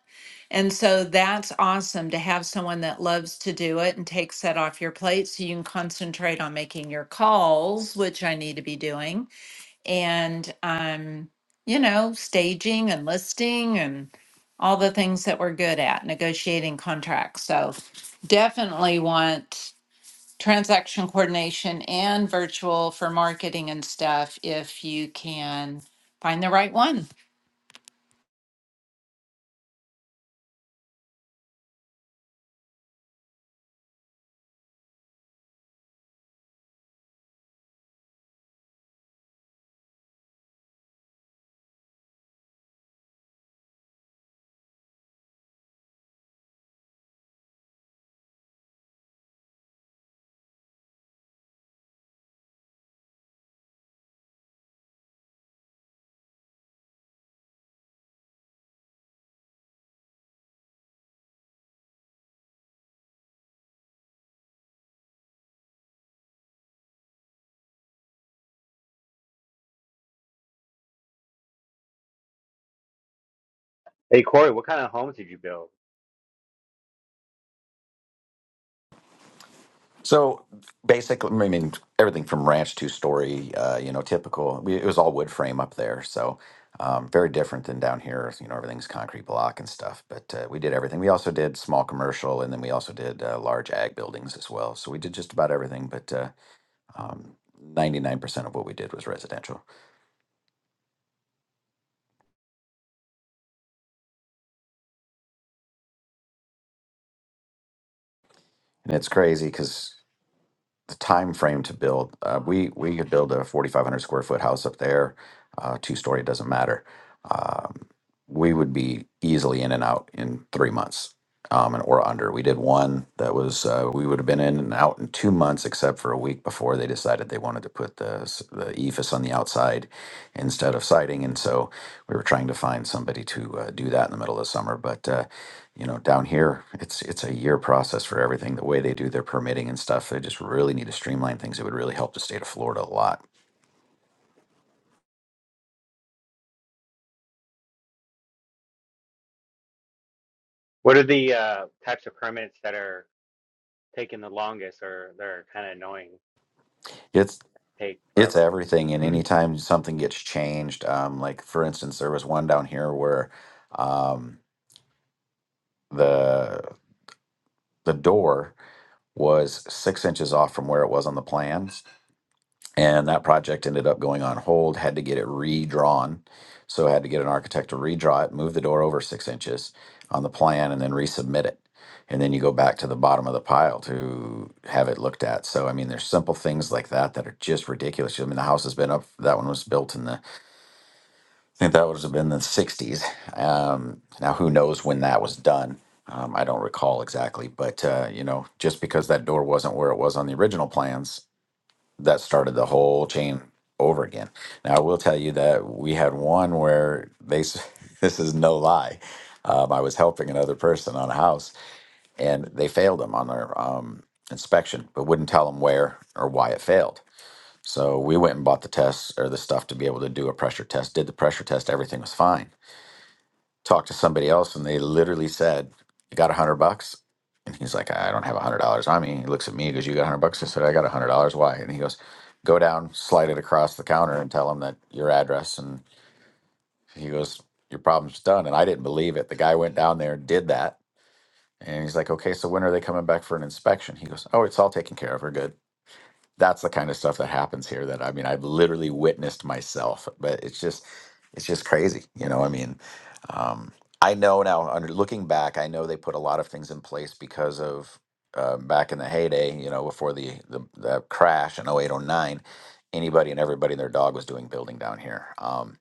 Speaker 4: And so that's awesome to have someone that loves to do it and takes that off your plate so you can concentrate on making your calls, which I need to be doing, and um, you know, staging and listing and all the things that we're good at, negotiating contracts. So definitely want transaction coordination and virtual for marketing and stuff if you can find the right one.
Speaker 6: Hey Corey, what kind of homes did you build?
Speaker 9: So basically, I mean, everything from ranch to story, uh, you know, typical. We, it was all wood frame up there, so um, very different than down here. You know, everything's concrete block and stuff. But uh, we did everything. We also did small commercial, and then we also did uh, large ag buildings as well. So we did just about everything. But uh, um, 99% of what we did was residential, and it's crazy because. The time frame to build. Uh, we we could build a 4,500 square foot house up there, uh, two story. It doesn't matter. Um, we would be easily in and out in three months, um, and or under. We did one that was uh, we would have been in and out in two months, except for a week before they decided they wanted to put the s- the ephes on the outside instead of siding, and so we were trying to find somebody to uh, do that in the middle of summer. But uh, you know, down here, it's it's a year process for everything. The way they do their permitting and stuff, they just really need to streamline things. It would really help the state of Florida a lot.
Speaker 6: What are the uh, types of permits that are taking the longest or they're kind of annoying,
Speaker 9: It's
Speaker 6: take
Speaker 9: it's
Speaker 6: forever?
Speaker 9: everything, and
Speaker 6: *clears throat*
Speaker 9: anytime something gets changed, um, like for instance, there was one down here where um, the the door was six inches off from where it was on the plan. and that project ended up going on hold had to get it redrawn so i had to get an architect to redraw it move the door over six inches on the plan and then resubmit it and then you go back to the bottom of the pile to have it looked at so i mean there's simple things like that that are just ridiculous i mean the house has been up that one was built in the i think that was have been the 60s um, now who knows when that was done um, i don't recall exactly but uh, you know just because that door wasn't where it was on the original plans that started the whole chain over again. Now, I will tell you that we had one where they, s- *laughs* this is no lie. Um, I was helping another person on a house and they failed them on their um, inspection, but wouldn't tell them where or why it failed. So we went and bought the tests or the stuff to be able to do a pressure test, did the pressure test, everything was fine talked to somebody else and they literally said, You got a hundred bucks? And he's like, I don't have a hundred dollars on me. He looks at me, he goes, You got a hundred bucks? I said, I got a hundred dollars. Why? And he goes, Go down, slide it across the counter and tell him that your address. And he goes, Your problem's done. And I didn't believe it. The guy went down there, did that. And he's like, Okay, so when are they coming back for an inspection? He goes, Oh, it's all taken care of. We're good that's the kind of stuff that happens here that I mean I've literally witnessed myself but it's just it's just crazy you know I mean um, I know now under looking back I know they put a lot of things in place because of uh, back in the heyday you know before the the, the crash in 0809 anybody and everybody and their dog was doing building down here um,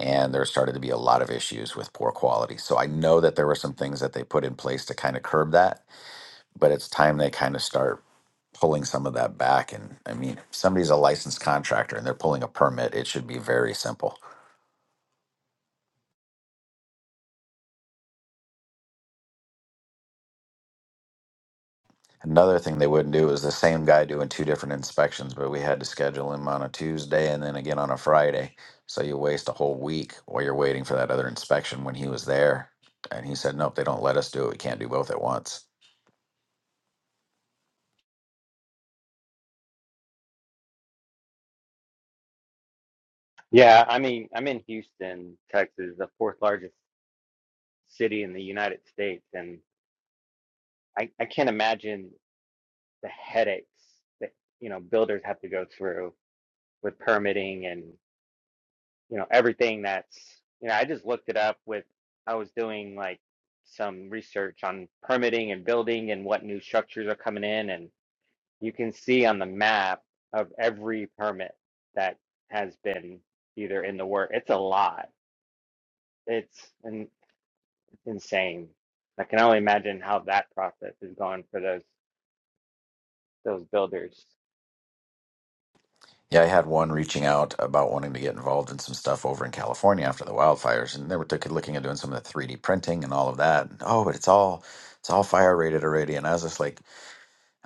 Speaker 9: and there started to be a lot of issues with poor quality so I know that there were some things that they put in place to kind of curb that but it's time they kind of start pulling some of that back. And I mean, if somebody's a licensed contractor and they're pulling a permit, it should be very simple. Another thing they wouldn't do is the same guy doing two different inspections, but we had to schedule him on a Tuesday and then again on a Friday. So you waste a whole week while you're waiting for that other inspection when he was there. And he said, Nope, they don't let us do it. We can't do both at once.
Speaker 6: Yeah, I mean, I'm in Houston, Texas, the fourth largest city in the United States, and I, I can't imagine the headaches that, you know, builders have to go through with permitting and, you know, everything that's, you know, I just looked it up with, I was doing like some research on permitting and building and what new structures are coming in, and you can see on the map of every permit that has been either in the work, it's a lot. It's, and insane. I can only imagine how that process is going for those those builders.
Speaker 9: Yeah, I had one reaching out about wanting to get involved in some stuff over in California after the wildfires, and they were took, looking at doing some of the 3D printing and all of that. And, oh, but it's all it's all fire rated already, and I was just like,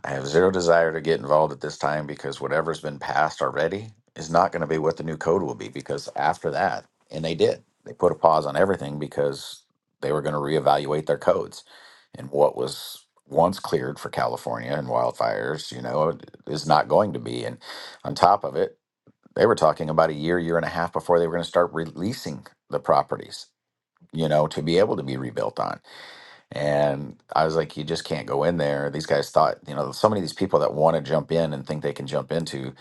Speaker 9: I have zero desire to get involved at this time because whatever's been passed already is not going to be what the new code will be because after that, and they did, they put a pause on everything because they were going to reevaluate their codes and what was once cleared for California and wildfires, you know, is not going to be and on top of it they were talking about a year, year and a half before they were going to start releasing the properties, you know, to be able to be rebuilt on. And I was like, you just can't go in there. These guys thought, you know, so many of these people that want to jump in and think they can jump into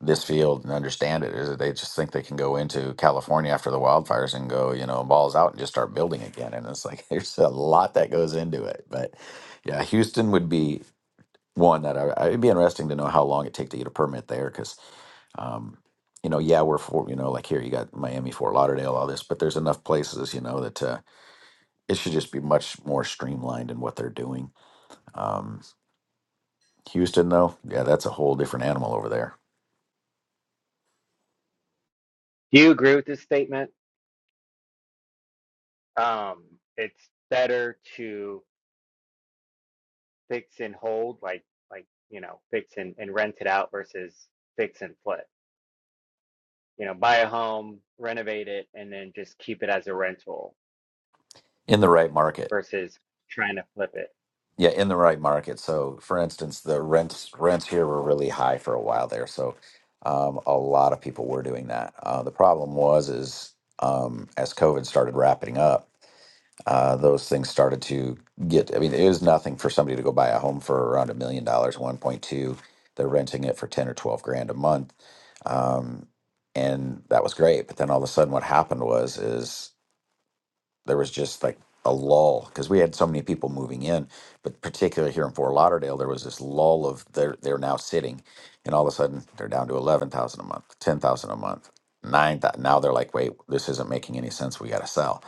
Speaker 9: this field and understand it is that they just think they can go into California after the wildfires and go, you know, balls out and just start building again. And it's like *laughs* there's a lot that goes into it. But yeah, Houston would be one that I, it'd be interesting to know how long it take to get a permit there because um, you know, yeah, we're for you know, like here you got Miami, Fort Lauderdale, all this, but there's enough places, you know, that uh, it should just be much more streamlined in what they're doing. Um, Houston, though, yeah, that's a whole different animal over there
Speaker 6: Do you agree with this statement? Um, it's better to fix and hold, like like you know, fix and, and rent it out versus fix and flip. You know, buy a home, renovate it, and then just keep it as a rental
Speaker 9: in the right market.
Speaker 6: versus trying to flip it.
Speaker 9: Yeah, in the right market. So, for instance, the rents rents here were really high for a while there, so um, a lot of people were doing that. Uh, the problem was is um, as COVID started wrapping up. uh, those things started to get. I mean, it was nothing for somebody to go buy a home for around a million dollars, one point two. They're renting it for ten or twelve grand a month, um, and that was great. But then all of a sudden, what happened was is there was just like a lull because we had so many people moving in, but particularly here in Fort Lauderdale, there was this lull of they're they're now sitting, and all of a sudden they're down to eleven thousand a month, ten thousand a month, nine. thousand. Now they're like, wait, this isn't making any sense. We got to sell,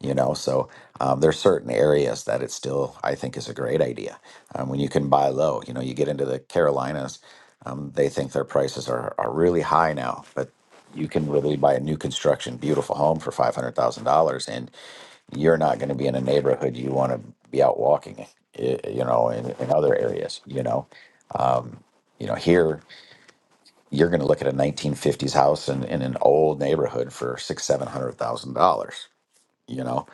Speaker 9: you know. So um, there's certain areas that it still I think is a great idea um, when you can buy low. You know, you get into the Carolinas, um, they think their prices are are really high now, but you can literally buy a new construction beautiful home for five hundred thousand dollars and you're not going to be in a neighborhood you want to be out walking y- you know in, in other areas you know you know here you're going to look at a 1950s house in, in an old neighborhood for six seven hundred thousand dollars you know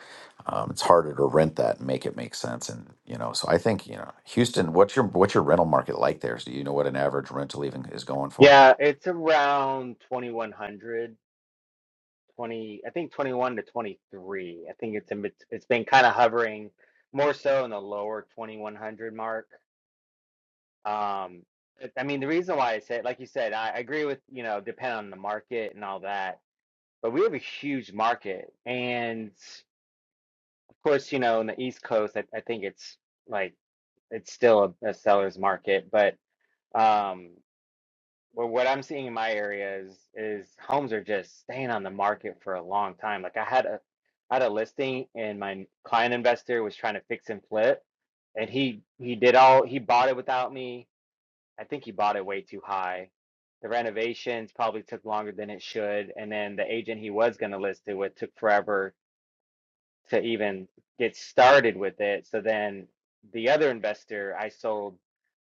Speaker 9: um, it's harder to rent that and make it make sense and you know so i think you know houston what's your what's your rental market like there so do you know what an average rental even is going for
Speaker 6: Yeah, it's around twenty one hundred 20, I think 21 to 23. I think it's in, bet- it's been kind of hovering more so in the lower 2100 mark. Um, it- I mean, the reason why I said, like you said, I, I agree with, you know, depend on the market and all that, but we have a huge market. And of course, you know, in the East Coast, I, I think it's like, it's still a, a seller's market, but, um, Well, what I'm seeing in my area is is homes are just staying on the market for a long time. Like I had a I had a listing and my client investor was trying to fix and flip and he he did all he bought it without me. I think he bought it way too high. The renovations probably took longer than it should, and then the agent he was going to list it with took forever to even get started with it. So then the other investor I sold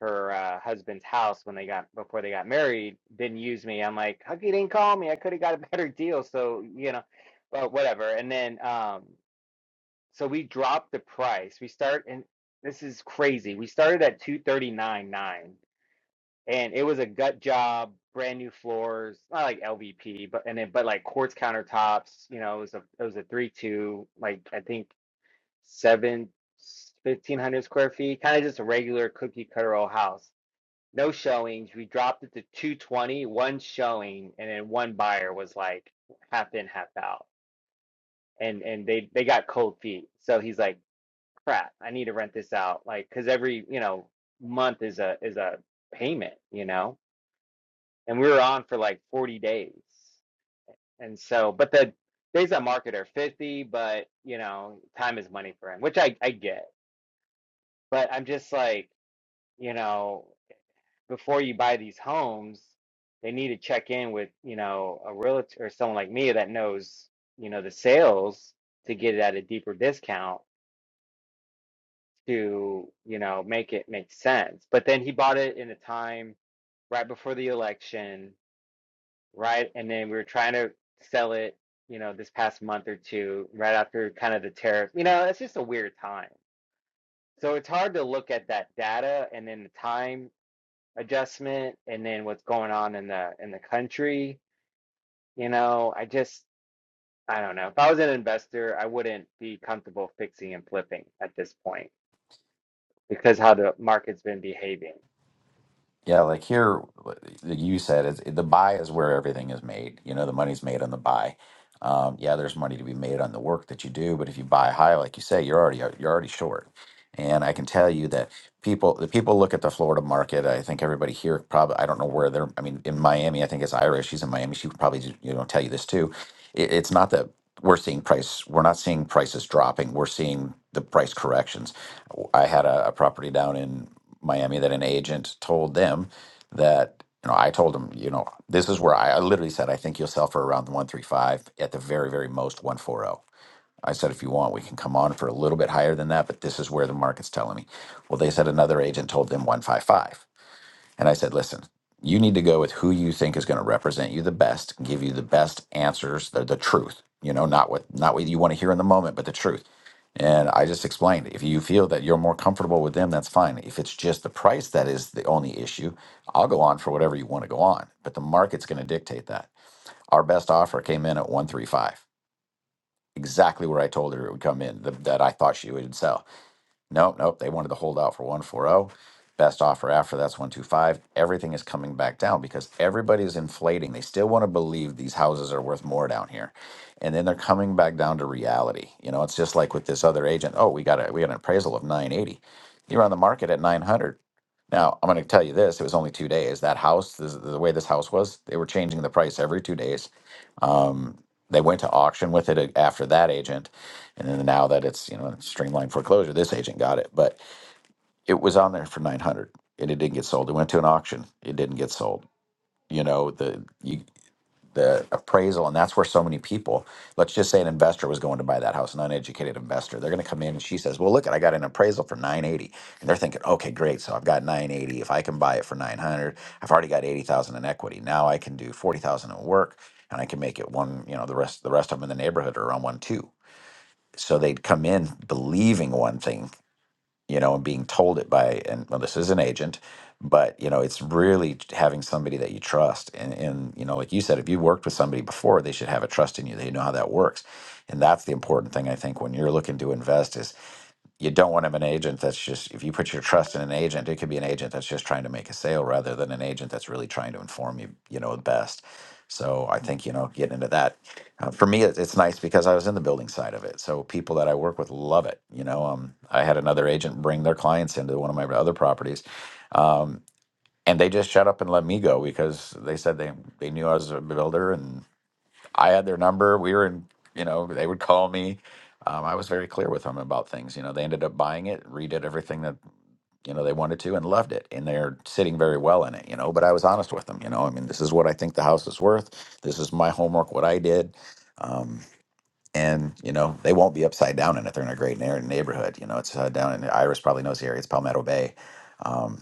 Speaker 6: her uh, husband's house when they got before they got married didn't use me. I'm like, how you didn't call me? I could have got a *laughs* better deal. So you know, but whatever. And then um, so we dropped the price. We start and this is crazy. We started at two thirty nine nine, and it was a gut job, brand new floors, not like LVP, but and then but like quartz countertops. You know, it was a it was a three two like I think seven fifteen hundred square feet kind of just a regular cookie cutter old house no showings. We dropped it to 220, one showing, and then one buyer was like half in, half out. And and they they got cold feet. So he's like, "Crap, I need to rent this out." Like cuz every, you know, month is a is a payment, you know. And we were on for like 40 days. And so but the days on market are 50, but you know, time is money for him, which I I get. But I'm just like, you know, before you buy these homes, they need to check in with, you know, a realtor or someone like me that knows, you know, the sales to get it at a deeper discount to, you know, make it make sense. But then he bought it in a time right before the election, right? And then we were trying to sell it, you know, this past month or two, right after kind of the tariff. You know, it's just a weird time. So it's hard to look at that data and then the time adjustment and then what's going on in the in the country You know, I just, I don't know. If I was an investor, I wouldn't be comfortable fixing and flipping at this point because how the market's been behaving.
Speaker 9: Yeah, like here, like you said, it's, the buy is where everything is made. You know, the money's made on the buy. Um, yeah, there's money to be made on the work that you do, but if you buy high, like you say, you're already you're already short. And I can tell you that people the people look at the Florida market. I think everybody here probably I don't know where they're. I mean, in Miami, I think it's Ira. She's in Miami. She would probably you know tell you this too. It, it's not that we're seeing price. We're not seeing prices dropping. We're seeing the price corrections. I had a, a property down in Miami that an agent told them that you know I told them you know this is where I, I literally said I think you'll sell for around one three five at the very very most one four zero. I said if you want we can come on for a little bit higher than that, but this is where the market's telling me. Well, they said another agent told them one five five. And I said, listen, you need to go with who you think is going to represent you the best, give you the best answers, the, the truth, you know, not what not what you want to hear in the moment, but the truth. And I just explained, if you feel that you're more comfortable with them, that's fine. If it's just the price that is the only issue, I'll go on for whatever you want to go on, but the market's going to dictate that. Our best offer came in at 135, exactly where I told her it would come in, the, that I thought she would sell Nope, nope. They wanted to hold out for 140. Best offer after that's 125. Everything is coming back down because everybody's inflating. They still want to believe these houses are worth more down here. And then they're coming back down to reality. You know, it's just like with this other agent. Oh, we got a we got an appraisal of 980. You're on the market at 900. Now, I'm going to tell you this, it was only 2 days. That house, this, the way this house was, they were changing the price every 2 days. Um they went to auction with it after that agent and then now that it's you know streamlined foreclosure this agent got it but it was on there for 900 and it didn't get sold it went to an auction it didn't get sold you know the you, the appraisal and that's where so many people let's just say an investor was going to buy that house an uneducated investor they're going to come in and she says well look i got an appraisal for nine eighty." and they're thinking okay great so i've got 980 if i can buy it for 900 i've already got 80000 in equity now i can do 40000 in work and i can make it one you know the rest the rest of them in the neighborhood are on one two so they'd come in believing one thing you know, and being told it by, and well, this is an agent, but you know, it's really having somebody that you trust. And, and, you know, like you said, if you worked with somebody before, they should have a trust in you. They know how that works. And that's the important thing, I think, when you're looking to invest is you don't want to have an agent that's just if you put your trust in an agent it could be an agent that's just trying to make a sale rather than an agent that's really trying to inform you you know the best so i think you know getting into that uh, for me it, it's nice because i was in the building side of it so people that i work with love it you know um, i had another agent bring their clients into one of my other properties um, and they just shut up and let me go because they said they, they knew i was a builder and. I had their number. We were in, you know, they would call me. Um, I was very clear with them about things. You know, they ended up buying it, redid everything that, you know, they wanted to and loved it. And they're sitting very well in it, you know, but I was honest with them, you know, I mean, this is what I think the house is worth. This is my homework, what I did. Um, and, you know, they won't be upside down in it. They're in a great neigh- neighborhood. You know, it's uh, down in Iris probably knows the area. It's Palmetto Bay. Um,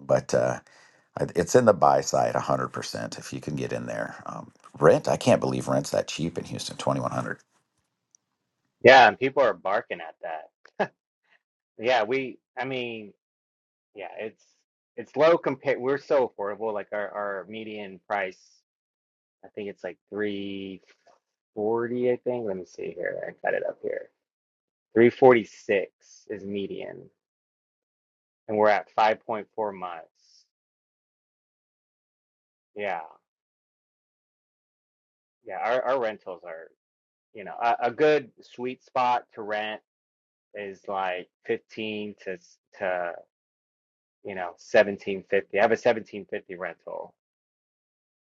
Speaker 9: but, uh, I- It's in the buy side 100% if you can get in there. Um, rent, I can't believe rent's that cheap in Houston, 2100.
Speaker 6: Yeah, and people are barking at that. Yeah, we, I mean, yeah, it's it's low compared. We're so affordable. Like our our median price, I think it's like 340, I think. Let me see here. I got it up here. 346 is median, and we're at 5.4 months. Yeah. Yeah, our, our rentals are you know a, a good sweet spot to rent is like 15 to to you know 1750 i have a 1750 rental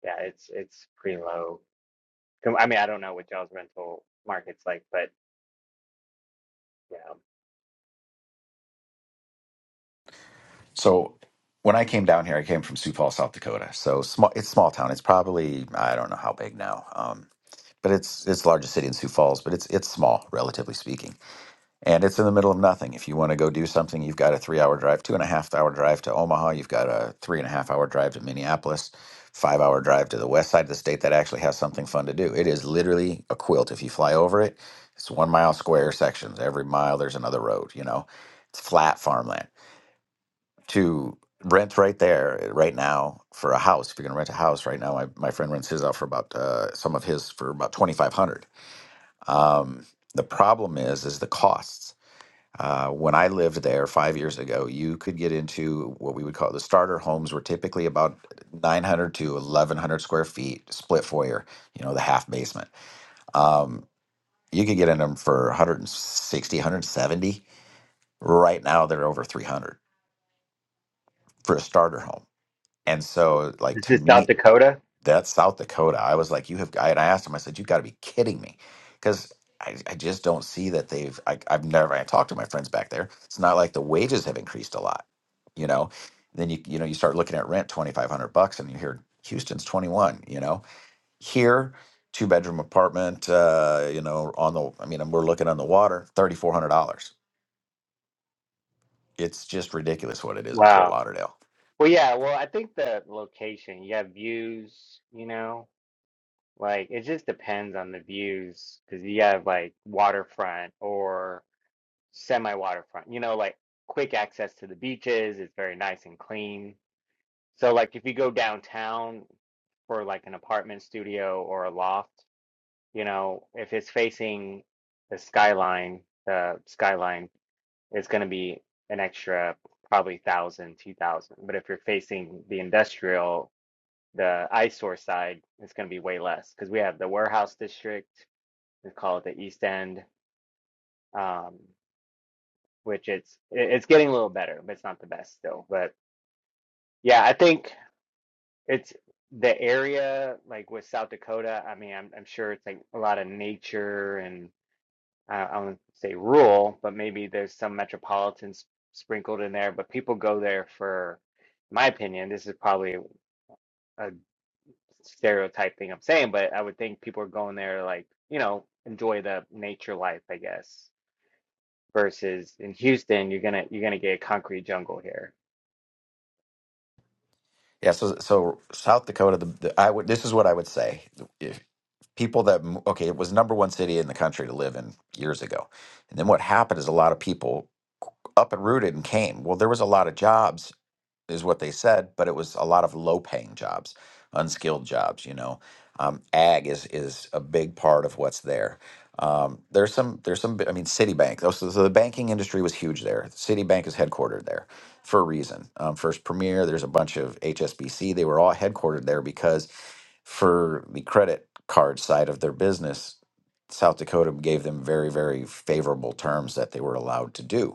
Speaker 6: yeah it's it's pretty low i mean i don't know what y'all's rental market's like but you know
Speaker 9: So when I came down here, I came from Sioux Falls, South Dakota. So small, it's small town. It's probably I don't know how big now. Um, but it's it's the largest city in Sioux Falls, but it's it's small relatively speaking. and it's in the middle of nothing. If you want to go do something, you've got a three hour drive, two and a half hour drive to Omaha. You've got a three and a half hour drive to Minneapolis, five hour drive to the west side of the state that actually has something fun to do. It is literally a quilt. If you fly over it, it's one mile square sections. Every mile, there's another road, you know, it's flat farmland. To rent right there, eh, right now, for a house, if you're going to rent a house right now, my, my friend rents his out for about, uh, some of his for about 2500 um, The problem is, is the costs uh, when I lived there five years ago, you could get into what we would call the starter homes were typically about 900 to 1100 square feet, split foyer, you know, the half basement. Um, you could get in them for 160, 170. Right now, they're over 300 for a starter home. And so, like,
Speaker 6: is
Speaker 9: to
Speaker 6: this
Speaker 9: me,
Speaker 6: south dakota
Speaker 9: that's South Dakota. I was like, you have, I, and I asked him, I said, you've got to be kidding me. Because I, I just don't see that they've, I, I've never, I talked to my friends back there. It's not like the wages have increased a lot, you know? Then you, you know, you start looking at rent, 2,500 bucks and you hear Houston's 21, you know? Here, two bedroom apartment, uh, you know, on the, I mean, we're looking on the water, $3,400. It's just ridiculous what it is in Fort
Speaker 6: wow
Speaker 9: Lauderdale.
Speaker 6: well yeah well i think the location you have views you know like it just depends on the views because you have like waterfront or semi waterfront, you know, like quick access to the beaches. It's very nice and clean. So, like, if you go downtown for like an apartment studio or a loft, you know, if it's facing the skyline, the skyline is going to be an extra probably thousand, two thousand. But if you're facing the industrial, the eyesore side, it's going to be way less because we have the warehouse district. We call it the East End. Um, which it's it's getting a little better, but it's not the best still. But yeah, I think it's the area like with South Dakota. I mean, I'm I'm sure it's like a lot of nature and I, I wouldn't say rural, but maybe there's some metropolitan s- sprinkled in there. But people go there for, in my opinion, this is probably a stereotype thing I'm saying, but I would think people are going there to, like you know enjoy the nature life, I guess. Versus in Houston, you're gonna you're gonna get a concrete jungle here
Speaker 9: Yeah, so so South Dakota, the, the I would this is what I would say people that m- okay it was number one city in the country to live in years ago and then what happened is a lot of people up and rooted and came well there was a lot of jobs is what they said, but it was a lot of low paying jobs, unskilled jobs. You know, um, ag is is a big part of what's there. Um, there's some there's some bi- I mean Citibank. Those, so the banking industry was huge there. Citibank is headquartered there for a reason. Um, First Premier. There's a bunch of HSBC. They were all headquartered there because for the credit card side of their business, South Dakota gave them very very favorable terms that they were allowed to do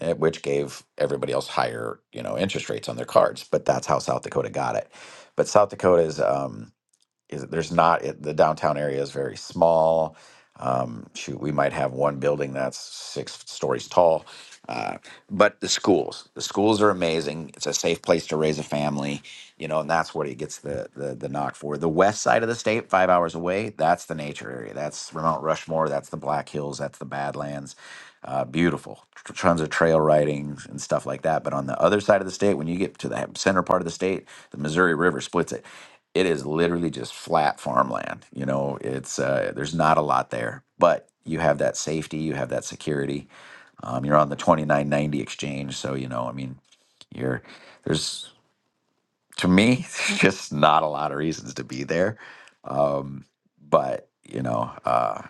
Speaker 9: eh, which gave everybody else higher, you know, interest rates on their cards. But that's how South Dakota got it. But South Dakota's um, is there's not it, the downtown area is very small. Um, shoot, we might have one building that's six stories tall. Uh, but the schools, the schools are amazing. It's a safe place to raise a family, you know, and that's what he gets the the, the knock for. The west side of the state, five hours away, that's the nature area. That's Mount Rushmore. That's the Black Hills. That's the Badlands. Uh, beautiful, Tr- tons of trail riding and stuff like that. But on the other side of the state, when you get to the center part of the state, the Missouri River splits it it is literally just flat farmland. You know, it's uh, there's not a lot there, but you have that safety, you have that security. Um, you're on the 2990 exchange, so you know, I mean, you're there's to me *laughs* just not a lot of reasons to be there, but you know, uh,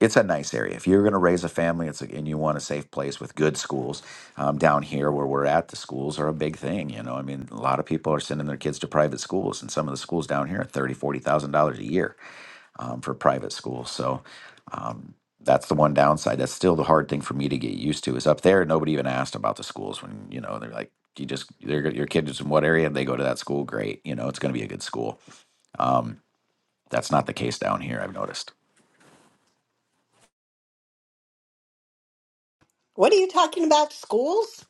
Speaker 9: it's a nice area. If you're going to raise a family, it's a, and you want a safe place with good schools. Um, down here where we're at, the schools are a big thing. You know, I mean, a lot of people are sending their kids to private schools, and some of the schools down here are thirty, forty thousand dollars a year um, for private schools. So um, that's the one downside. That's still the hard thing for me to get used to. Is up there, nobody even asked about the schools when you know they're like, you just they're, your kid is in what area and they go to that school. Great, you know it's going to be a good school. Um, that's not the case down here. I've noticed.
Speaker 2: what are you talking about? Schools?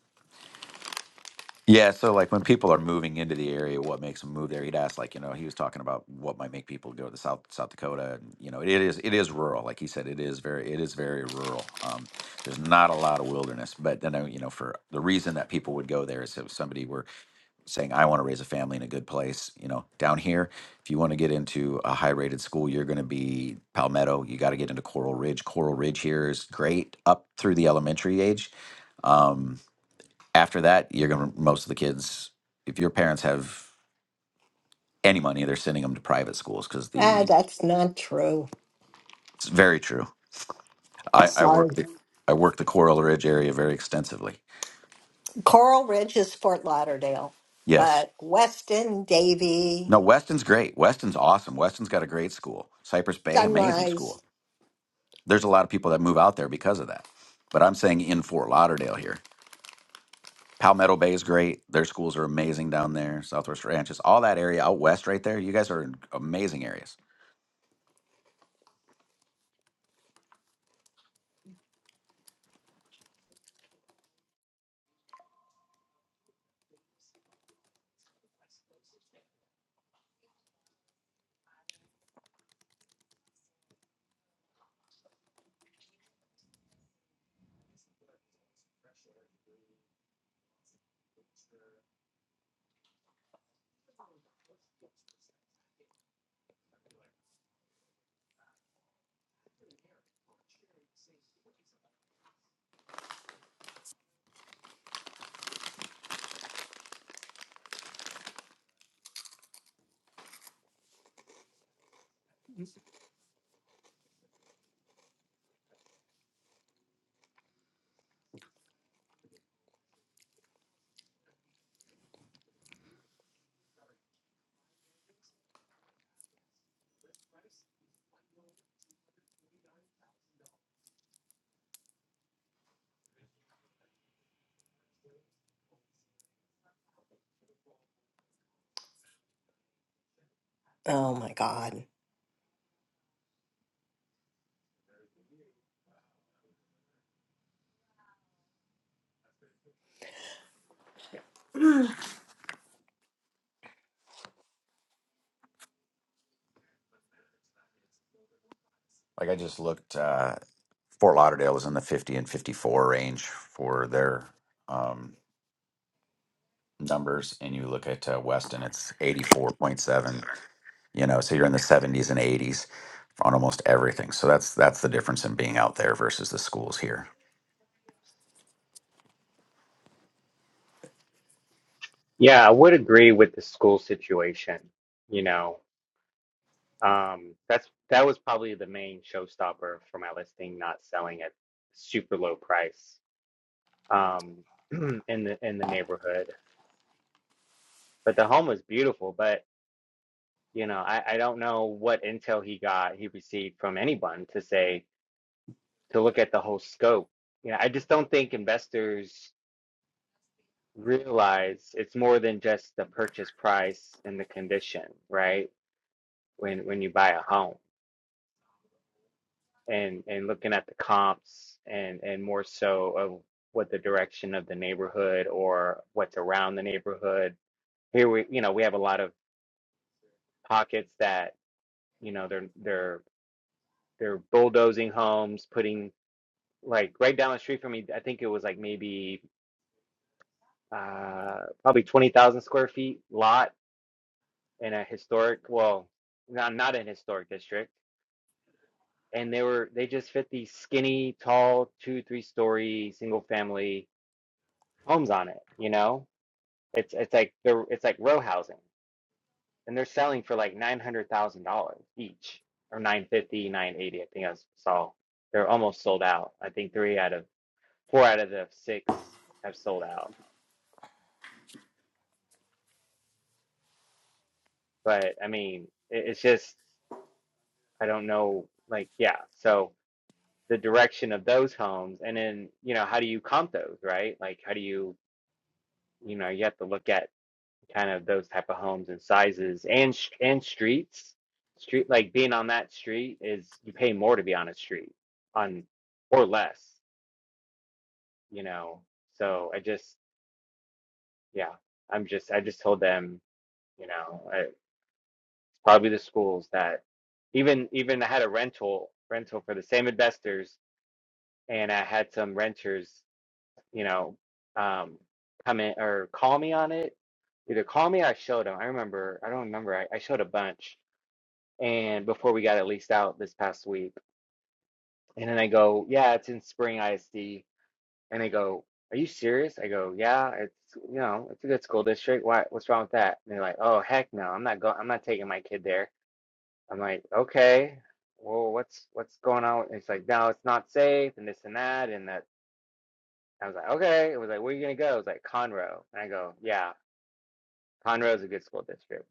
Speaker 9: Yeah, so like when people are moving into the area, what makes them move there? He'd ask, like, you know, he was talking about what might make people go to South South Dakota, and you know, it is it is rural, like he said, it is very it is very rural. Um, there's not a lot of wilderness, but then uh, you know, for the reason that people would go there is if somebody were saying, I want to raise a family in a good place, you know, down here, if you want to get into a high rated school, you're going to be Palmetto. You got to get into Coral Ridge. Coral Ridge here is great up through the elementary age. Um, after that, you're going to, most of the kids, if your parents have any money, they're sending them to private schools because
Speaker 2: Ah,
Speaker 9: the,
Speaker 2: that's not true.
Speaker 9: it's very true. I, I work
Speaker 2: Sorry.
Speaker 9: the, I work the Coral Ridge area very extensively.
Speaker 2: Coral Ridge is Fort Lauderdale,
Speaker 9: Yes.
Speaker 2: but Weston, Davy,
Speaker 9: No, Weston's great. Weston's awesome. Weston's got a great school. Cypress Bay, amazing
Speaker 2: Sunrise.
Speaker 9: school. There's a lot of people that move out there because of that. But I'm saying in Fort Lauderdale here. Palmetto Bay is great. Their schools are amazing down there. Southwest Ranches, all that area out west right there. You guys are in amazing areas.
Speaker 2: Oh my God.
Speaker 9: Like I just looked. Uh, Fort Lauderdale was in the 50 and 54 range for their um, numbers. And you look at uh, Weston, it's 84.7, you know, so you're in the 70s and 80s on almost everything. So that's that's the difference in being out there versus the schools here.
Speaker 6: Yeah, I would agree with the school situation. You know, um, that's that was probably the main showstopper for my listing not selling at super low price um, *clears throat* in the in the neighborhood. But the home was beautiful. But you know, I, I don't know what intel he got he received from anyone to say to look at the whole scope. You know, I just don't think investors realize it's more than just the purchase price and the condition, right? When when you buy a home and and looking at the comps and and more so of what the direction of the neighborhood or what's around the neighborhood. Here we you know we have a lot of pockets that you know they're they're they're bulldozing homes, putting like right down the street from me. I think it was like maybe uh, probably twenty thousand square feet lot in a historic well not not an historic district. And they were they just fit these skinny, tall, two, three story single family homes on it, you know? It's it's like they're it's like row housing and they're selling for like nine hundred thousand dollars each or nine fifty, nine eighty, I think I saw. They're almost sold out. I think three out of four out of the six have sold out. But I mean, it, it's just I don't know like yeah, so the direction of those homes and then, you know, how do you comp those, right? Like how do you you know, you have to look at kind of those type of homes and sizes and sh- and streets street like being on that street is you pay more to be on a street on or less you know so i just yeah i'm just i just told them you know I, it's probably the schools that even even i had a rental rental for the same investors and i had some renters you know um come in or call me on it either call me or i showed them i remember i don't remember i, I showed a bunch and before we got it leased out this past week. And then I go, yeah, it's in Spring ISD. And they go, are you serious? I go, yeah, it's you know, it's a good school district. Why, what's wrong with that? And they're like, oh heck no, I'm not going. I'm not taking my kid there. I'm like, okay, well, what's what's going on? And it's like, no, it's not safe, and this and that, and that. I was like, okay. It was like, where are you gonna go? It was like Conroe. And I go, yeah, Conroe is a good school district.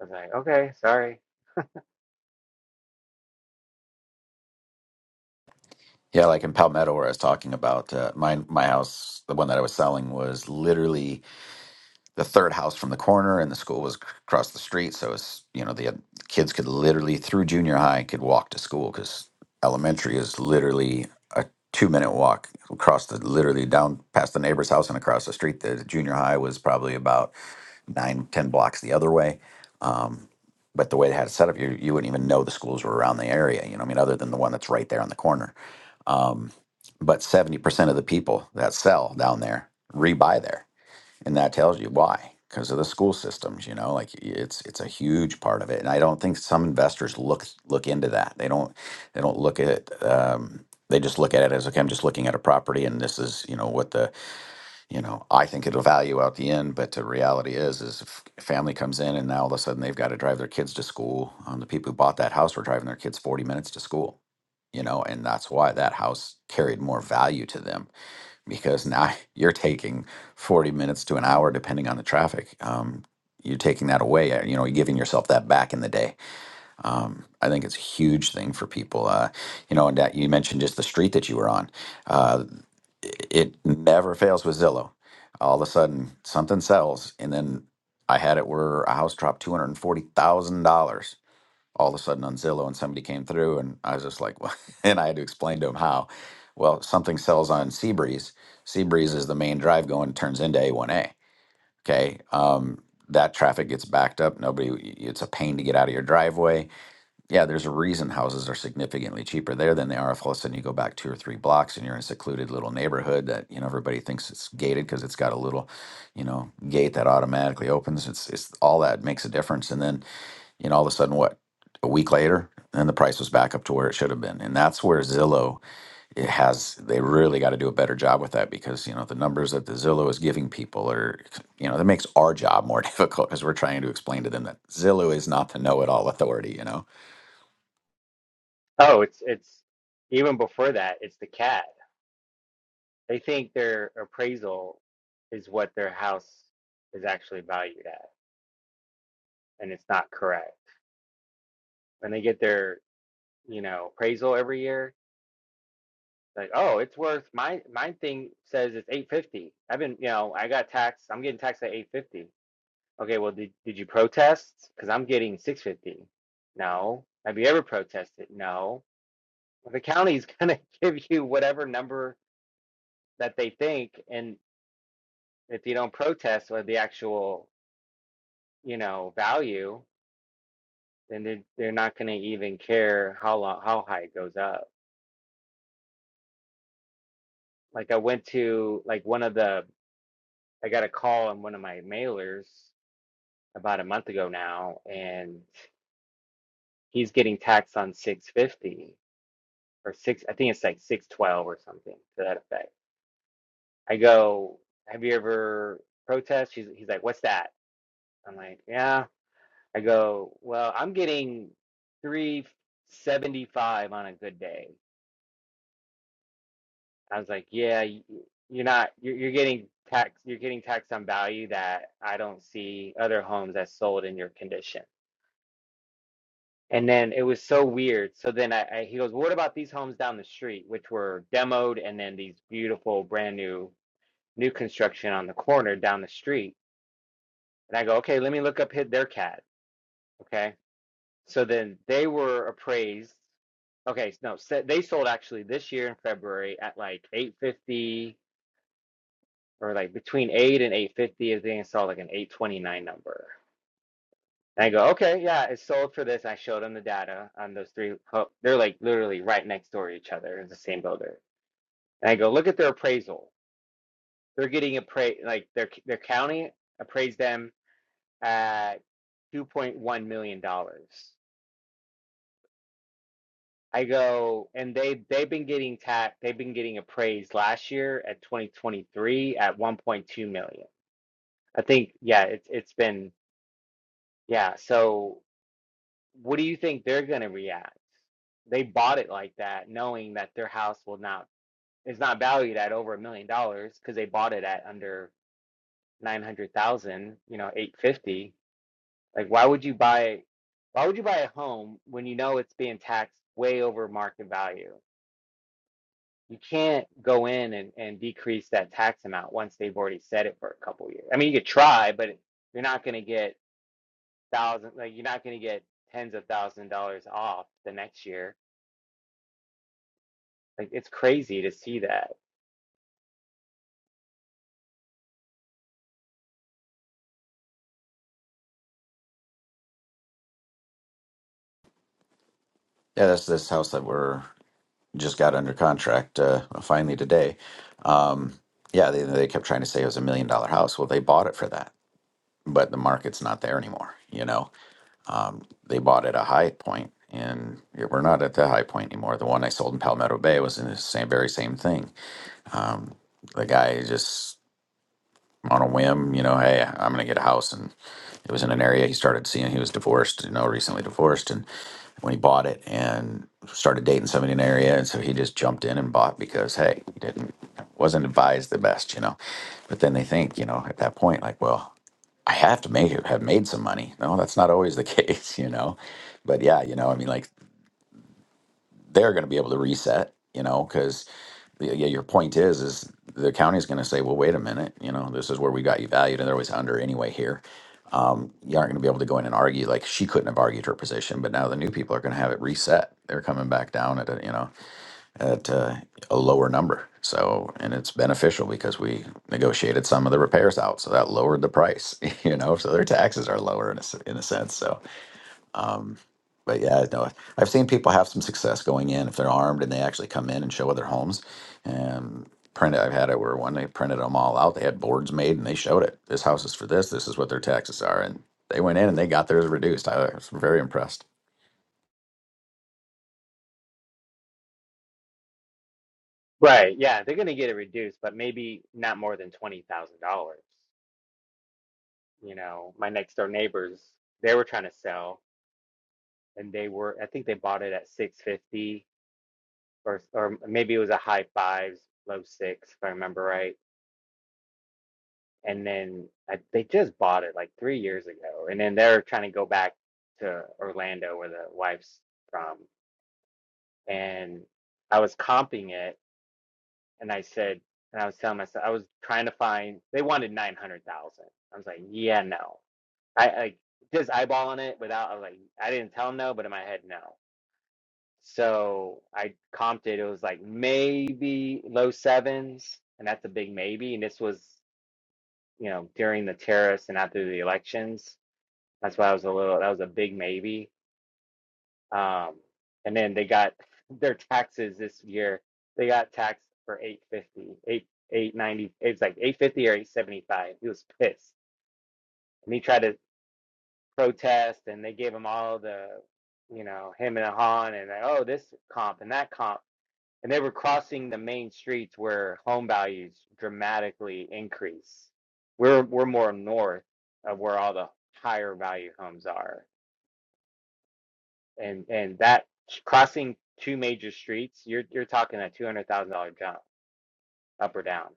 Speaker 6: I was like, okay, sorry.
Speaker 9: Yeah, like in Palmetto, where I was talking about uh, my my house, the one that I was selling was literally the third house from the corner and the school was c- across the street so it's you know the uh, kids could literally through junior high could walk to school because elementary is literally a two minute walk across the literally down past the neighbor's house and across the street the junior high was probably about nine ten blocks the other way um, but the way they had it set up you, you wouldn't even know the schools were around the area you know i mean other than the one that's right there on the corner um, but 70% of the people that sell down there rebuy there and that tells you why because of the school systems you know like it's it's a huge part of it and i don't think some investors look look into that they don't they don't look at um, they just look at it as okay i'm just looking at a property and this is you know what the you know i think it'll value out the end but the reality is is if a family comes in and now all of a sudden they've got to drive their kids to school um, the people who bought that house were driving their kids 40 minutes to school you know and that's why that house carried more value to them because now *laughs* you're taking 40 minutes to an hour depending on the traffic um, you're taking that away uh, you know you're giving yourself that back in the day um, i think it's a huge thing for people uh, you know and that you mentioned just the street that you were on uh, it it never fails with zillow all of a sudden something sells and then i had it where a house dropped $240000 all of a sudden on Zillow and somebody came through and I was just like, well, *laughs* and I had to explain to him how. Well, something sells on Seabreeze. Seabreeze is the main drive going, turns into A1A. Okay. Um, that traffic gets backed up. Nobody, it's a pain to get out of your driveway. Yeah, there's a reason houses are significantly cheaper there than they are if all of a sudden you go back two or three blocks and you're in a secluded little neighborhood that, you know, everybody thinks it's gated because it's got a little, you know, gate that automatically opens. It's, it's all that makes a difference. And then you know all of a sudden what a week later and the price was back up to where it should have been and that's where zillow it has they really got to do a better job with that because you know the numbers that the zillow is giving people are you know that makes our job more *laughs* difficult because we're trying to explain to them that zillow is not the know-it-all authority you know
Speaker 6: Oh, it's it's even before that, it's the cat. They think their appraisal is what their house is actually valued at, and it's not correct. When they get their, you know, appraisal every year, like, oh, it's worth my my thing says it's 850. I've been, you know, I got taxed. I'm getting taxed at 850. Okay, well, did did you protest? Because I'm getting 650. No. Have you ever protested? No. Well, The county's gonna *laughs* give you whatever number that they think, and if you don't protest with the actual, you know, value, then they're, they're not going to even care how long, how high it goes up. Like I went to like one of the, I got a call on one of my mailers about a month ago now, and he's getting taxed on 650 or six, I think it's like 612 or something to that effect. I go, have you ever protest? He's, he's like, what's that? I'm like, yeah. I go, well, I'm getting 375 on a good day. I was like, yeah, y- you're not, you're, you're getting tax, you're getting taxed on value that I don't see other homes that sold in your condition. And then it was so weird. So then I, I he goes, what about these homes down the street, which were demoed, and then these beautiful brand new new construction on the corner down the street. And I go, okay, let me look up hit their cat. Okay, so then they were appraised. Okay, no, so they sold actually this year in February at like 850 or like between 8 and 850 is they installed like an 829 number. And I go, okay, yeah, it's sold for this. I showed them the data on those three. ho- They're like literally right next door to each other. It's the same builder. And I go, look at their appraisal. They're getting appraised, like their their county appraised them at $2.1 million. dollars. I go, and they they've been getting tapped, they've been getting appraised last year at 2023 at 1.2 million. I think, yeah, it's it's been, yeah, so what do you think they're going to react? They bought it like that, knowing that their house will not is not valued at over a million dollars because they bought it at under nine hundred thousand, you know, eight fifty. Like, why would you buy? Why would you buy a home when you know it's being taxed way over market value? You can't go in and, and decrease that tax amount once they've already set it for a couple of years. I mean, you could try, but you're not going to get thousands. like you're not going to get tens of thousand dollars off the next year Like it's crazy to see that.
Speaker 9: yeah that's this house that we're just got under contract uh, finally today um, yeah they, they kept trying to say it was a million dollar house well they bought it for that but the market's not there anymore you know Um, they bought at a high point, and yeah, we're not at that high point anymore. The one I sold in Palmetto Bay was in the same very same thing. Um, the guy just on a whim, you know, hey, I'm gonna get a house, and it was in an area he started seeing. He was divorced, you know, recently divorced, and when he bought it and started dating somebody in the area, and so he just jumped in and bought because hey, he didn't wasn't advised the best, you know. But then they think, you know, at that point, like, well, I have to make it, have made some money. No, that's not always the *laughs* case, you know. But yeah, you know, I mean, like they're going to be able to reset, you know, because yeah, your point is, is the county's going to say, well, wait a minute, you know, this is where we got you valued, and they're always under anyway here. Um, you aren't going to be able to go in and argue like she couldn't have argued her position, but now the new people are going to have it reset. They're coming back down at it, you know at uh, a lower number. So, and it's beneficial because we negotiated some of the repairs out, so that lowered the price. *laughs* You know, so their taxes are lower in a, s- in a sense. So, um, but yeah, no, I've seen people have some success going in if they're armed and they actually come in and show other homes and print it. I've had it where when they printed them all out, they had boards made and they showed it. This house is for this. This is what their taxes are, and they went in and they got theirs reduced. I was very impressed.
Speaker 6: Right. Yeah, they're gonna get it reduced, but maybe not more than twenty thousand dollars. You know, my next door neighbors, they were trying to sell and they were I think they bought it at six fifty or or maybe it was a high fives, low six, if I remember right. And then I, they just bought it like three years ago. And then they're trying to go back to Orlando where the wife's from. And I was comping it and I said, and I was telling myself, I was trying to find. They wanted nine hundred thousand. I was like, yeah, no. I, I just eyeballing it without. I was like, I didn't tell tell 'em no, but in my head, no. So I comped it. It was like maybe low sevens, and that's a big maybe. And this was, you know, during the terrorists and after the elections. That's why I was a little. That was a big maybe Um, and then they got *laughs* their taxes this year. They got taxed for 850, 8 890. It was like 850 or 875. He was pissed. And he tried to protest and they gave him all the, you know, him and Han and like, oh, this comp and that comp. And they were crossing the main streets where home values dramatically increase. We're we're more north of where all the higher value homes are. and and that crossing two major streets, you're you're talking a two hundred thousand dollar jump up or down.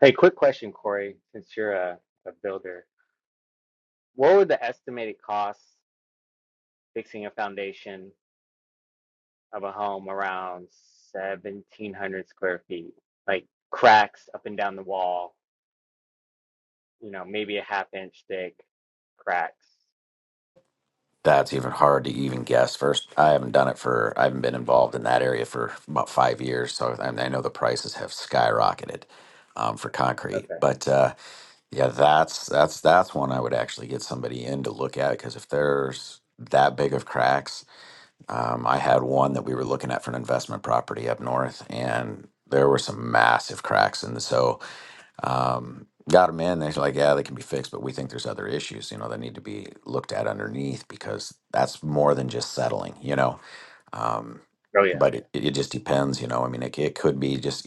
Speaker 6: Hey, quick question, Corey, since you're a, a builder, what would the estimated cost fixing a foundation of a home around seventeen hundred square feet, like cracks up and down the wall, you know, maybe a half inch thick cracks.
Speaker 9: That's even hard to even guess. First, I haven't done it for, I haven't been involved in that area for about five years. So I, I know the prices have skyrocketed um, for concrete.
Speaker 6: Okay.
Speaker 9: But uh, yeah, that's that's that's one I would actually get somebody in to look at because if there's that big of cracks, um, I had one that we were looking at for an investment property up north, and there were some massive cracks in the so um, got them in. They're like, yeah, they can be fixed, but we think there's other issues, you know, that need to be looked at underneath because that's more than just settling, you know. Um,
Speaker 6: Oh
Speaker 9: but
Speaker 6: yeah.
Speaker 9: it, it just depends, you know. I mean, it, it could be just,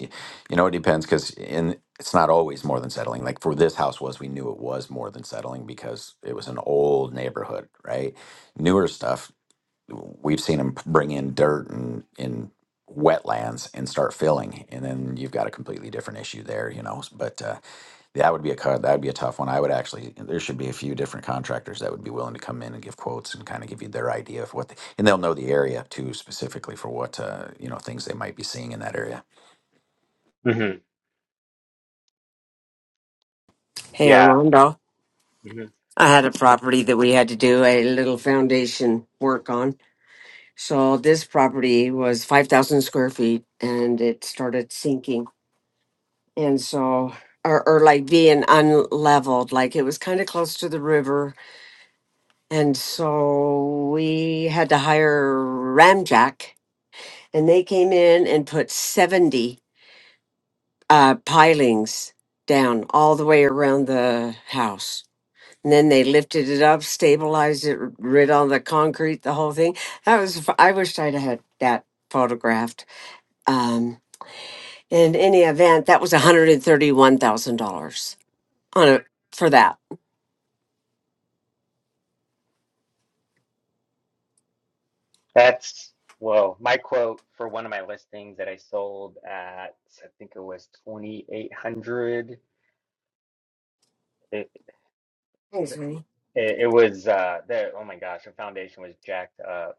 Speaker 9: you know, it depends because in it's not always more than settling. Like for this house was, we knew it was more than settling because it was an old neighborhood, right? Newer stuff, we've seen them bring in dirt and in wetlands and start filling, and then you've got a completely different issue there, you know. But uh, that would be a cut. That would be a tough one. I would actually. There should be a few different contractors that would be willing to come in and give quotes and kind of give you their idea of what, they, and they'll know the area too specifically for what uh, you know things they might be seeing in that area.
Speaker 6: hmm
Speaker 7: Hey,
Speaker 6: Yeah.
Speaker 7: Armando.
Speaker 6: Mm-hmm.
Speaker 7: I had a property that we had to do a little foundation work on. So this property was 5,000 square feet and it started sinking. And so, or, or like being unleveled, like it was kind of close to the river. And so we had to hire Ramjack and they came in and put 70 uh, pilings down all the way around the house. And then they lifted it up, stabilized it, rid all the concrete, the whole thing. That was, f- I wished I'd had that photographed. Um, in any event, that was $131,000 on a, for that.
Speaker 6: That's, well, my quote for one of my listings that I sold at, I think it was 2,800. It,
Speaker 7: Thanks,
Speaker 6: it,
Speaker 7: honey.
Speaker 6: it was, uh, the, oh my gosh, the foundation was jacked up.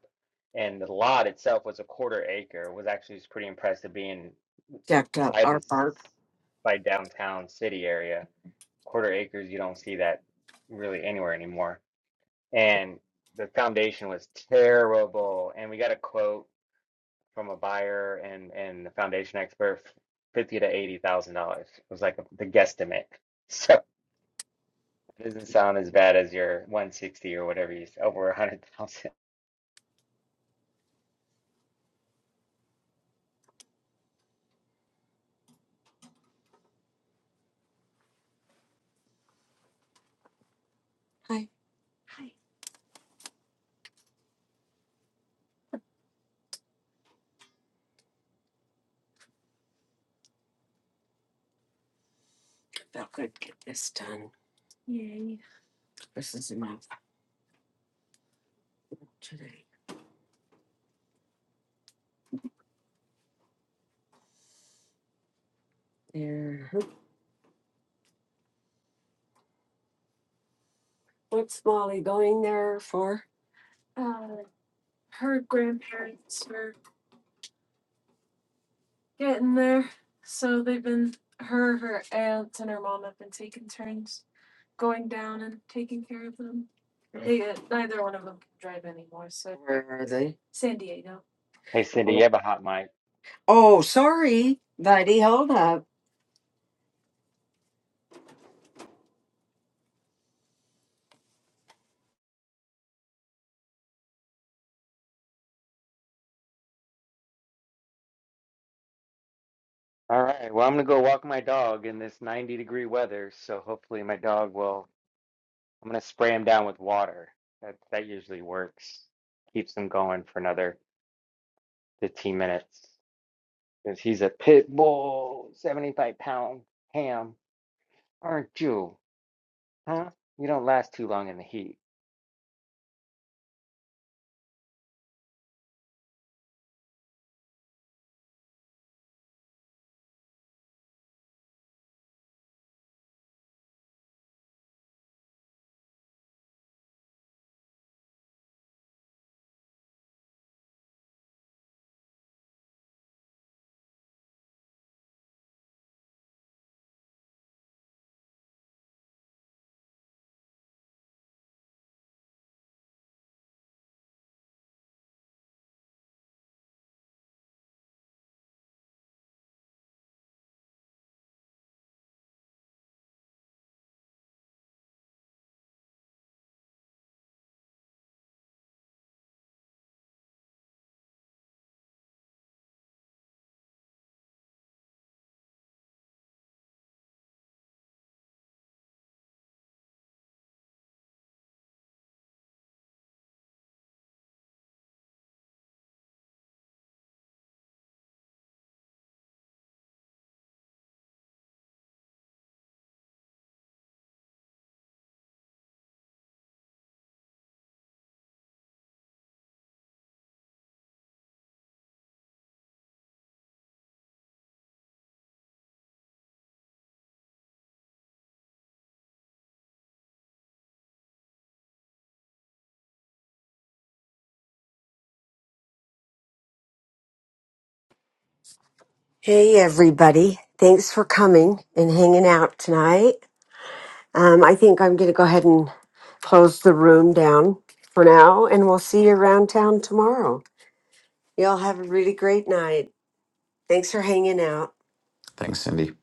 Speaker 6: And the lot itself was a quarter acre. It was actually was pretty impressive being
Speaker 7: Jacked up
Speaker 6: by
Speaker 7: our
Speaker 6: this,
Speaker 7: part.
Speaker 6: by downtown city area. Quarter acres, you don't see that really anywhere anymore. And the foundation was terrible. And we got a quote. from a buyer and and the foundation expert, fifty to eighty thousand dollars was like the guesstimate. *laughs* So it doesn't sound as bad as your one sixty or whatever you said, over a hundred thousand. *laughs*
Speaker 7: Hi. Hi. Felt good. Get this done. Yay. This is enough today. There. What's Molly going there for? Where are they?
Speaker 6: Hey Cindy, you have a hot mic.
Speaker 7: Oh, sorry, buddy. Hold up.
Speaker 6: All right, well I'm gonna go walk my dog in this ninety degree weather, so hopefully my dog will. I'm gonna spray him down with water. That that usually works. Keeps him going for another fifteen minutes. Cause he's a pit bull, seventy five pound ham, aren't you? Huh? You don't last too long in the heat.
Speaker 7: Hey, everybody. Thanks for coming and hanging out tonight. Um, I think I'm going to go ahead and close the room down for now, and we'll see you around town tomorrow. Y'all have a really great night. Thanks for hanging out.
Speaker 9: Thanks, Cindy.